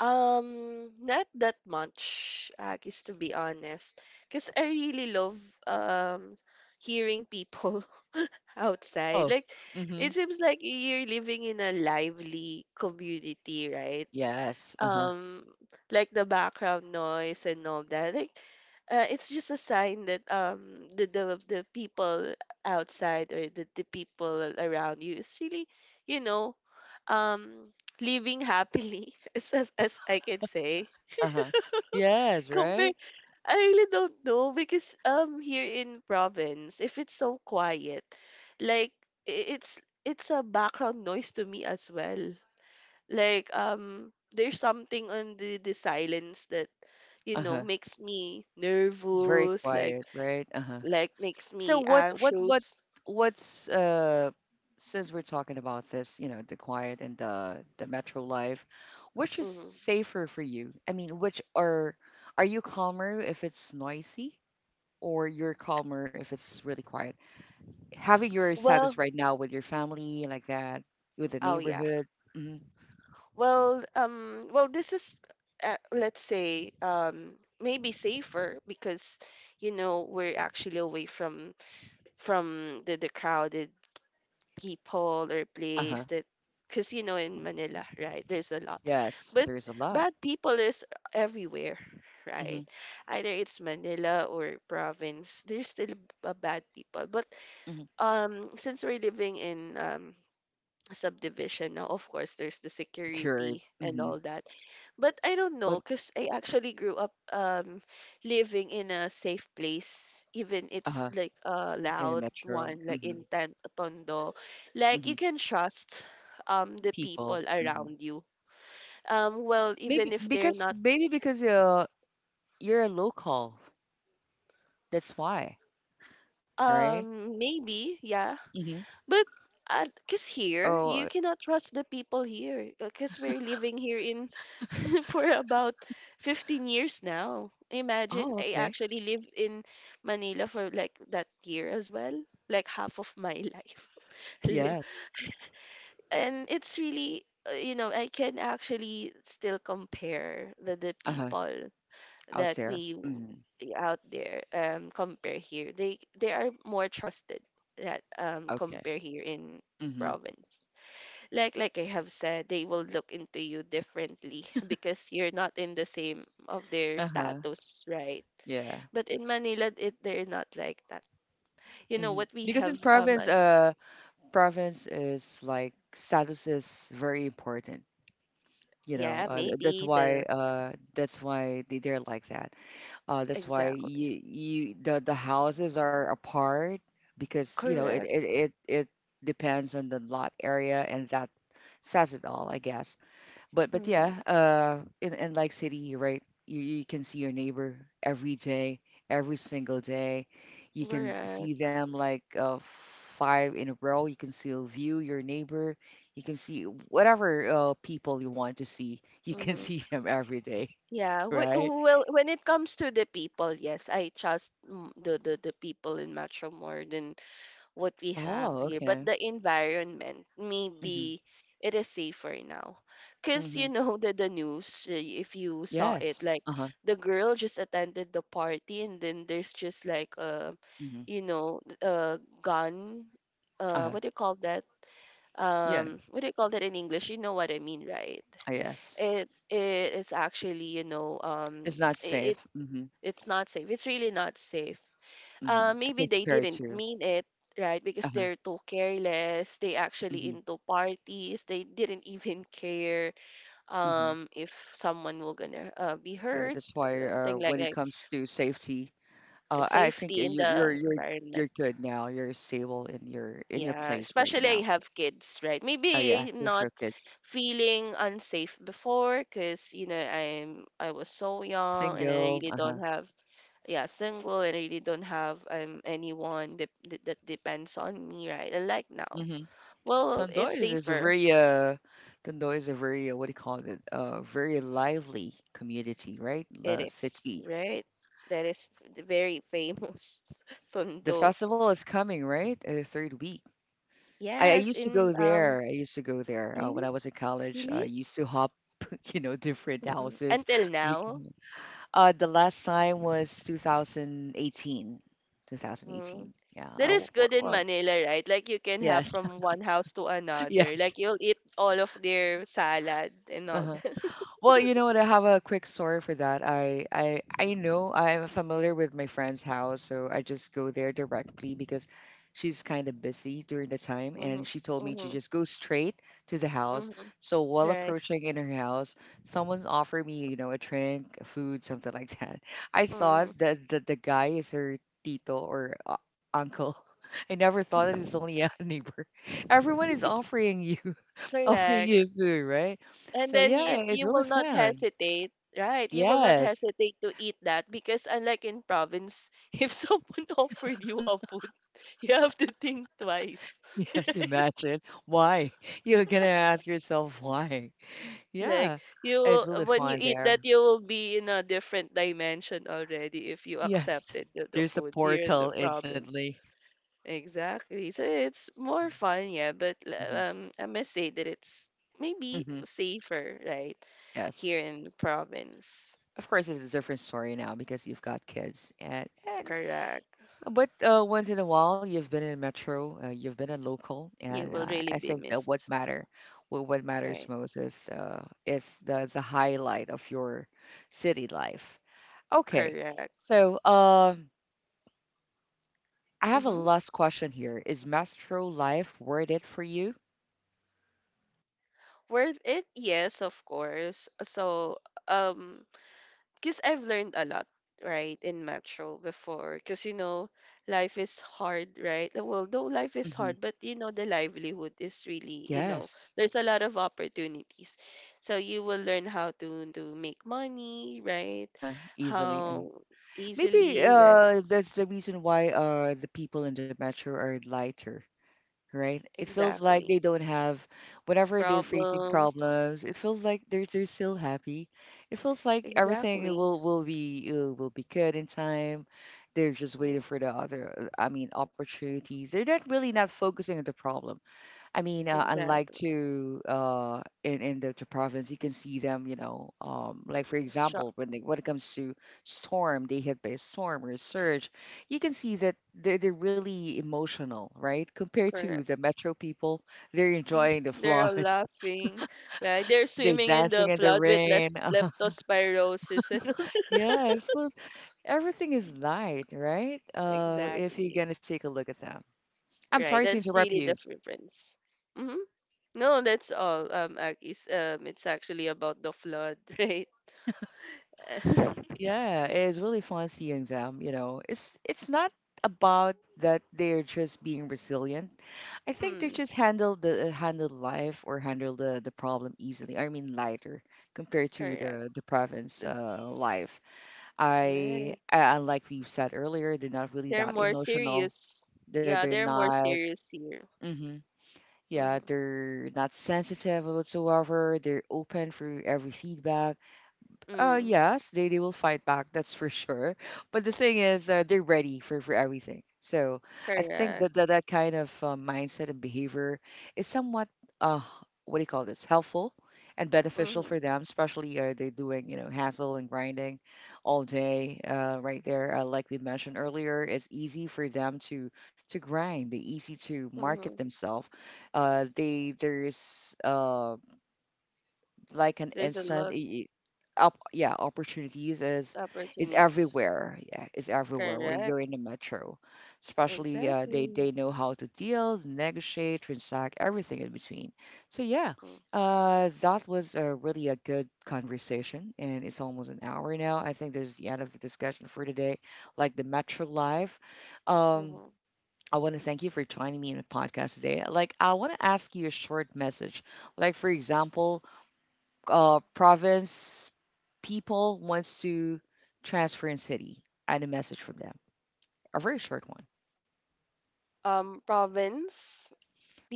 Speaker 2: Not that much, Akis, to be honest. Because I really love um hearing people outside.
Speaker 1: Oh,
Speaker 2: Like,
Speaker 1: mm-hmm.
Speaker 2: it seems like you're living in a lively community, right?
Speaker 1: Yes. Uh-huh.
Speaker 2: um like the background noise and all that, like it's just a sign that the people outside, or the people around you is really, you know um living happily as I can say,
Speaker 1: Uh-huh. Yes,
Speaker 2: compared.
Speaker 1: right?
Speaker 2: I really don't know, because here in province, if it's so quiet, like i- it's it's a background noise to me as well. Like there's something on the silence, that
Speaker 1: Uh-huh.
Speaker 2: makes me
Speaker 1: It's very
Speaker 2: nervous, like,
Speaker 1: quiet, right? Uh-huh.
Speaker 2: makes
Speaker 1: So
Speaker 2: me
Speaker 1: what
Speaker 2: anxious.
Speaker 1: what's since we're talking about this, you know, the quiet and the metro life, which is
Speaker 2: Hmm.
Speaker 1: safer for you? I mean, which are you calmer if it's noisy or you're calmer if it's really quiet? Having your status
Speaker 2: Well.
Speaker 1: right now with your family like that, with the
Speaker 2: Oh yeah.
Speaker 1: neighborhood. Mhm,
Speaker 2: Well, this is, let's say, maybe safer because, you know, we're actually away from the crowded people or
Speaker 1: uh-huh.
Speaker 2: place. That, because in Manila, right, there's a lot.
Speaker 1: Yes,
Speaker 2: But
Speaker 1: there's a lot.
Speaker 2: bad people is everywhere,
Speaker 1: Mm-hmm.
Speaker 2: right? Either it's Manila or province, there's still a bad people. But
Speaker 1: Mm-hmm.
Speaker 2: since we're living in subdivision now, of course, there's the
Speaker 1: Secured.
Speaker 2: security and
Speaker 1: Mm-hmm.
Speaker 2: all that. But I don't know,
Speaker 1: But
Speaker 2: because I actually grew up living in a safe place, even it's
Speaker 1: uh-huh.
Speaker 2: like a
Speaker 1: In the
Speaker 2: loud
Speaker 1: metro.
Speaker 2: one, like in tondo. Like, you
Speaker 1: Hmm
Speaker 2: can trust the people
Speaker 1: People.
Speaker 2: around you. Well, even
Speaker 1: Maybe
Speaker 2: if they're
Speaker 1: because
Speaker 2: not,
Speaker 1: you're a local. That's why, right?
Speaker 2: maybe, yeah.
Speaker 1: hmm
Speaker 2: But because here you
Speaker 1: So,
Speaker 2: cannot trust the people here, because we're living here in for about 15 years now. Imagine,
Speaker 1: oh,
Speaker 2: I
Speaker 1: okay.
Speaker 2: actually lived in Manila for like that year as well, like half of my life. Li-
Speaker 1: Yes.
Speaker 2: And it's really, I can actually still compare the
Speaker 1: Uh-huh.
Speaker 2: people
Speaker 1: Out
Speaker 2: that
Speaker 1: there.
Speaker 2: we w- out there, compare here. They are more trusted, that
Speaker 1: Okay.
Speaker 2: compare here in
Speaker 1: hmm
Speaker 2: province. Like, I have said, they will look into you differently because you're not in the same of their
Speaker 1: Uh-huh.
Speaker 2: status, right?
Speaker 1: Yeah.
Speaker 2: But in Manila, it they're not like that. You know what we
Speaker 1: Because in
Speaker 2: have? Um,
Speaker 1: province,
Speaker 2: uh,
Speaker 1: province is like status is very important. You know,
Speaker 2: yeah, maybe the,
Speaker 1: that's why they're like that. That's why
Speaker 2: exactly,
Speaker 1: you you the houses are apart because you know
Speaker 2: correct.
Speaker 1: it depends on the lot area and that says it all, I guess. But
Speaker 2: Mm,
Speaker 1: yeah, in like city, right? You can see your neighbor every day, every single day. You can
Speaker 2: correct.
Speaker 1: see them like five in a row. You can still view your neighbor. You can see whatever people you want to see. You can
Speaker 2: Mm-hmm.
Speaker 1: see them every day,
Speaker 2: Yeah. W
Speaker 1: right?
Speaker 2: well, when it comes to the people, yes, I trust, the people in Metro more than what we have
Speaker 1: Oh,
Speaker 2: here, but
Speaker 1: okay.
Speaker 2: the environment, maybe it is safer now. Because
Speaker 1: Mm-hmm.
Speaker 2: you know that the news, if you saw it,
Speaker 1: Yes.
Speaker 2: like
Speaker 1: Uh huh.
Speaker 2: the girl just attended the party, and then there's just like a,
Speaker 1: Mm-hmm.
Speaker 2: a gun,
Speaker 1: Uh huh.
Speaker 2: what do you call that?
Speaker 1: Yeah.
Speaker 2: What do you call that in English? You know what I mean, right?
Speaker 1: Yes.
Speaker 2: It is actually, you know,
Speaker 1: It's not
Speaker 2: it,
Speaker 1: safe.
Speaker 2: it
Speaker 1: Mm-hmm.
Speaker 2: it's not safe. It's really not safe.
Speaker 1: Mm-hmm.
Speaker 2: Maybe they
Speaker 1: Compared
Speaker 2: didn't
Speaker 1: to.
Speaker 2: mean it, right?
Speaker 1: Uh
Speaker 2: Because
Speaker 1: huh.
Speaker 2: they're too careless. They actually
Speaker 1: Mm-hmm.
Speaker 2: into parties. They didn't even care
Speaker 1: Mm-hmm.
Speaker 2: if someone will gonna be
Speaker 1: Yeah.
Speaker 2: hurt,
Speaker 1: That's why.
Speaker 2: something like
Speaker 1: When it
Speaker 2: that.
Speaker 1: comes to safety, I think
Speaker 2: Safety in the
Speaker 1: you're
Speaker 2: environment.
Speaker 1: good now. You're stable in your
Speaker 2: Yeah,
Speaker 1: place right
Speaker 2: especially
Speaker 1: now.
Speaker 2: I have kids, right?
Speaker 1: Yeah.
Speaker 2: Maybe I'm
Speaker 1: Still
Speaker 2: not
Speaker 1: focused.
Speaker 2: feeling unsafe before, because I was so young and I
Speaker 1: Single.
Speaker 2: really
Speaker 1: Uh huh.
Speaker 2: don't have. Yeah, single, and really don't have anyone that depends on me, right? And like now,
Speaker 1: Mm-hmm.
Speaker 2: well,
Speaker 1: Tondo
Speaker 2: it's
Speaker 1: is, is a
Speaker 2: safer.
Speaker 1: very uh, Tondo is a very what do you call it? Very lively community, right?
Speaker 2: It is,
Speaker 1: City.
Speaker 2: right? That is the very famous
Speaker 1: The
Speaker 2: tondo.
Speaker 1: festival is coming, right? Third week. I
Speaker 2: Yes,
Speaker 1: used to
Speaker 2: in
Speaker 1: go there. I used to go there when
Speaker 2: you
Speaker 1: I was in college.
Speaker 2: really.
Speaker 1: I used to hop, you know, different
Speaker 2: Mhm.
Speaker 1: houses.
Speaker 2: Until
Speaker 1: We-
Speaker 2: now.
Speaker 1: The last time was 2018.
Speaker 2: Mhm.
Speaker 1: 2018. Yeah.
Speaker 2: That is good in Manila, right? Like, you can have
Speaker 1: Yes.
Speaker 2: from one house to another,
Speaker 1: Yes.
Speaker 2: like you'll eat all of their salad and
Speaker 1: Uh
Speaker 2: all
Speaker 1: huh.
Speaker 2: that.
Speaker 1: Well, you know what? I have a quick story for that. I know I'm familiar with my friend's house, so I just go there directly because she's kind of busy during the time,
Speaker 2: Mm-hmm.
Speaker 1: and she told me to
Speaker 2: Mm-hmm.
Speaker 1: just go straight to the house.
Speaker 2: Mm-hmm.
Speaker 1: So while
Speaker 2: Right.
Speaker 1: approaching in her house, someone offered me, you know, a drink, food, something like that. I thought
Speaker 2: Mm-hmm.
Speaker 1: that the guy is her tito or uncle. I never thought that it's only a neighbor. Everyone is offering you. I'll
Speaker 2: Correct.
Speaker 1: you food, right?
Speaker 2: And
Speaker 1: So
Speaker 2: then
Speaker 1: yeah,
Speaker 2: it,
Speaker 1: it's
Speaker 2: you
Speaker 1: really
Speaker 2: will not
Speaker 1: fun.
Speaker 2: hesitate, right? You will not
Speaker 1: Yes.
Speaker 2: hesitate to eat that, because unlike in province, if someone offered you a food, you have to think twice.
Speaker 1: Yes, imagine. Why? You're gonna ask yourself why.
Speaker 2: Like,
Speaker 1: Yeah,
Speaker 2: you
Speaker 1: it's
Speaker 2: will,
Speaker 1: really
Speaker 2: when you
Speaker 1: fun
Speaker 2: eat that,
Speaker 1: there.
Speaker 2: you will be in a different dimension already, if you
Speaker 1: Yes.
Speaker 2: accepted the
Speaker 1: There's a
Speaker 2: food here in the
Speaker 1: portal
Speaker 2: province.
Speaker 1: instantly.
Speaker 2: Exactly. So it's more fun, yeah, but
Speaker 1: hmm
Speaker 2: I must say that it's maybe
Speaker 1: hmm
Speaker 2: safer, right?
Speaker 1: Yes.
Speaker 2: Here in the province.
Speaker 1: Of course, it's a different story now because you've got kids and
Speaker 2: Correct.
Speaker 1: But once in a while, you've been in metro, you've been in local,
Speaker 2: You
Speaker 1: and
Speaker 2: will really
Speaker 1: I
Speaker 2: be
Speaker 1: think that what
Speaker 2: missed.
Speaker 1: matter, what matters
Speaker 2: Right.
Speaker 1: most is the highlight of your city life. Okay,
Speaker 2: Correct.
Speaker 1: so I have a
Speaker 2: Mm-hmm.
Speaker 1: last question here. Is metro life worth it for you?
Speaker 2: Worth it? Yes, of course. So, um, because I've learned a lot, right, in Metro before. Because, you know, life is hard, right? Well, though life is
Speaker 1: hmm
Speaker 2: hard, but, the livelihood is really,
Speaker 1: Yes.
Speaker 2: there's a lot of opportunities. So you will learn how to make money, right?
Speaker 1: Uh-huh. Easily.
Speaker 2: How
Speaker 1: Maybe
Speaker 2: easily, right?
Speaker 1: that's the reason why the people in the metro are lighter. Right? It feels like
Speaker 2: Exactly.
Speaker 1: they don't have, whenever they're facing
Speaker 2: Problems.
Speaker 1: problems, it feels like they're still happy. It feels like everything
Speaker 2: Exactly.
Speaker 1: will be will be good in time. They're just
Speaker 2: Mm.
Speaker 1: waiting for the other, I mean, opportunities. They're not really not focusing on the problem. I mean, unlike
Speaker 2: Exactly.
Speaker 1: to in the province, you can see them. You know, like for
Speaker 2: Shock,
Speaker 1: example, when they, when it comes to storm, they hit by a storm or a surge, you can see that they're really emotional, right? Compared to
Speaker 2: correct.
Speaker 1: the metro people, they're enjoying the
Speaker 2: They're
Speaker 1: flood,
Speaker 2: all laughing, right? They're
Speaker 1: they're
Speaker 2: swimming in
Speaker 1: dancing
Speaker 2: the
Speaker 1: in the
Speaker 2: flood with
Speaker 1: rain.
Speaker 2: less leptospirosis and all that.
Speaker 1: Yeah, it feels everything is light, right? If you're
Speaker 2: Exactly.
Speaker 1: gonna take a look at them, I'm sorry
Speaker 2: Right.
Speaker 1: to
Speaker 2: That's
Speaker 1: interrupt
Speaker 2: really the
Speaker 1: you.
Speaker 2: difference. Mm-hmm. No, that's all. Akis. It's actually about the flood, right?
Speaker 1: Yeah, it's really fun seeing them, you know. It's not about that they're just being resilient. I think they
Speaker 2: Mm,
Speaker 1: just handle the handle life or handle the problem easily. I mean lighter compared to
Speaker 2: correct.
Speaker 1: the province
Speaker 2: The-
Speaker 1: life. I
Speaker 2: right.
Speaker 1: Like we said earlier, they're not really
Speaker 2: They're
Speaker 1: that
Speaker 2: more
Speaker 1: emotional.
Speaker 2: serious.
Speaker 1: They're
Speaker 2: Yeah,
Speaker 1: they're
Speaker 2: they're more
Speaker 1: not
Speaker 2: serious here.
Speaker 1: hmm Yeah,
Speaker 2: Mm-hmm.
Speaker 1: they're not sensitive whatsoever. They're open for every feedback
Speaker 2: Mm,
Speaker 1: yes, they will fight back, that's for sure. But the thing is, they're ready for everything. So I think
Speaker 2: correct.
Speaker 1: that kind of mindset and behavior is somewhat, uh, what do you call this, helpful and beneficial
Speaker 2: Mm-hmm.
Speaker 1: for them, especially they're doing, you know, hassle and grinding all day right there. Like we mentioned earlier, it's easy for them to grind. They're easy to market
Speaker 2: Mm-hmm.
Speaker 1: themselves. They there's like an
Speaker 2: There's a
Speaker 1: instant
Speaker 2: lot
Speaker 1: y- y- up yeah opportunities is
Speaker 2: opportunities.
Speaker 1: everywhere yeah is everywhere where
Speaker 2: Correct.
Speaker 1: you're in the metro especially they
Speaker 2: Exactly.
Speaker 1: know how to deal negotiate transact everything in between so yeah
Speaker 2: Mm.
Speaker 1: that was a really a good conversation and it's almost an hour now I think this is the end of the discussion for today like the metro life um
Speaker 2: Mm-hmm.
Speaker 1: I want to thank you for joining me in the podcast today. Like, I want to ask you a short message. Like, for example, province people wants to transfer in city. I had a message from them, a very short one,
Speaker 2: Province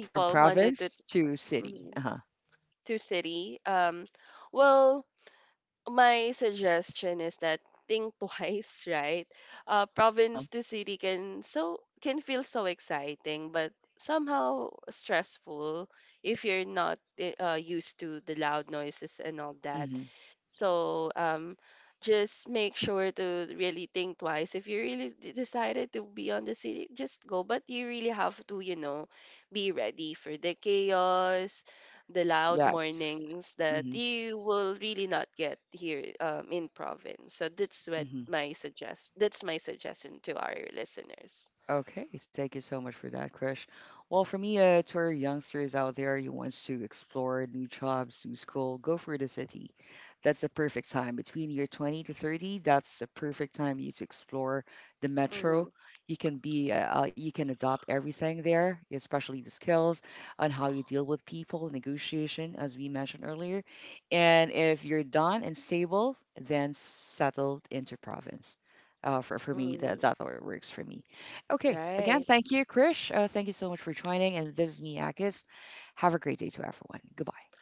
Speaker 1: from
Speaker 2: wanted to,
Speaker 1: province to city.
Speaker 2: mhm,
Speaker 1: Uh huh.
Speaker 2: to city. Well, my suggestion is that think twice, right? Uh,
Speaker 1: Uh huh.
Speaker 2: province to city can feel so exciting, but somehow stressful if you're not used to the loud noises and all that.
Speaker 1: hmm
Speaker 2: So just make sure to really think twice. If you really decided to be on the city, just go. But you really have to, be ready for the chaos, the loud
Speaker 1: Yes.
Speaker 2: mornings that
Speaker 1: Mm-hmm.
Speaker 2: you will really not get here, in province. So that's what
Speaker 1: Mm-hmm.
Speaker 2: my suggest. That's my suggestion to our listeners.
Speaker 1: Okay, thank you so much for that, Krish. Well, for me, to our youngsters out there who wants to explore new jobs, new school, go for the city. That's the perfect time. Between your 20 to 30, that's the perfect time you to explore the metro.
Speaker 2: Mm-hmm.
Speaker 1: You can be, you can adopt everything there, especially the skills on how you deal with people, negotiation, as we mentioned earlier. And if you're done and stable, then settle into province. For me,
Speaker 2: Mm-hmm.
Speaker 1: that works for me. Okay, again,
Speaker 2: Right.
Speaker 1: thank you, Krish. Thank you so much for joining. And this is me, Akis. Have a great day to everyone. Goodbye.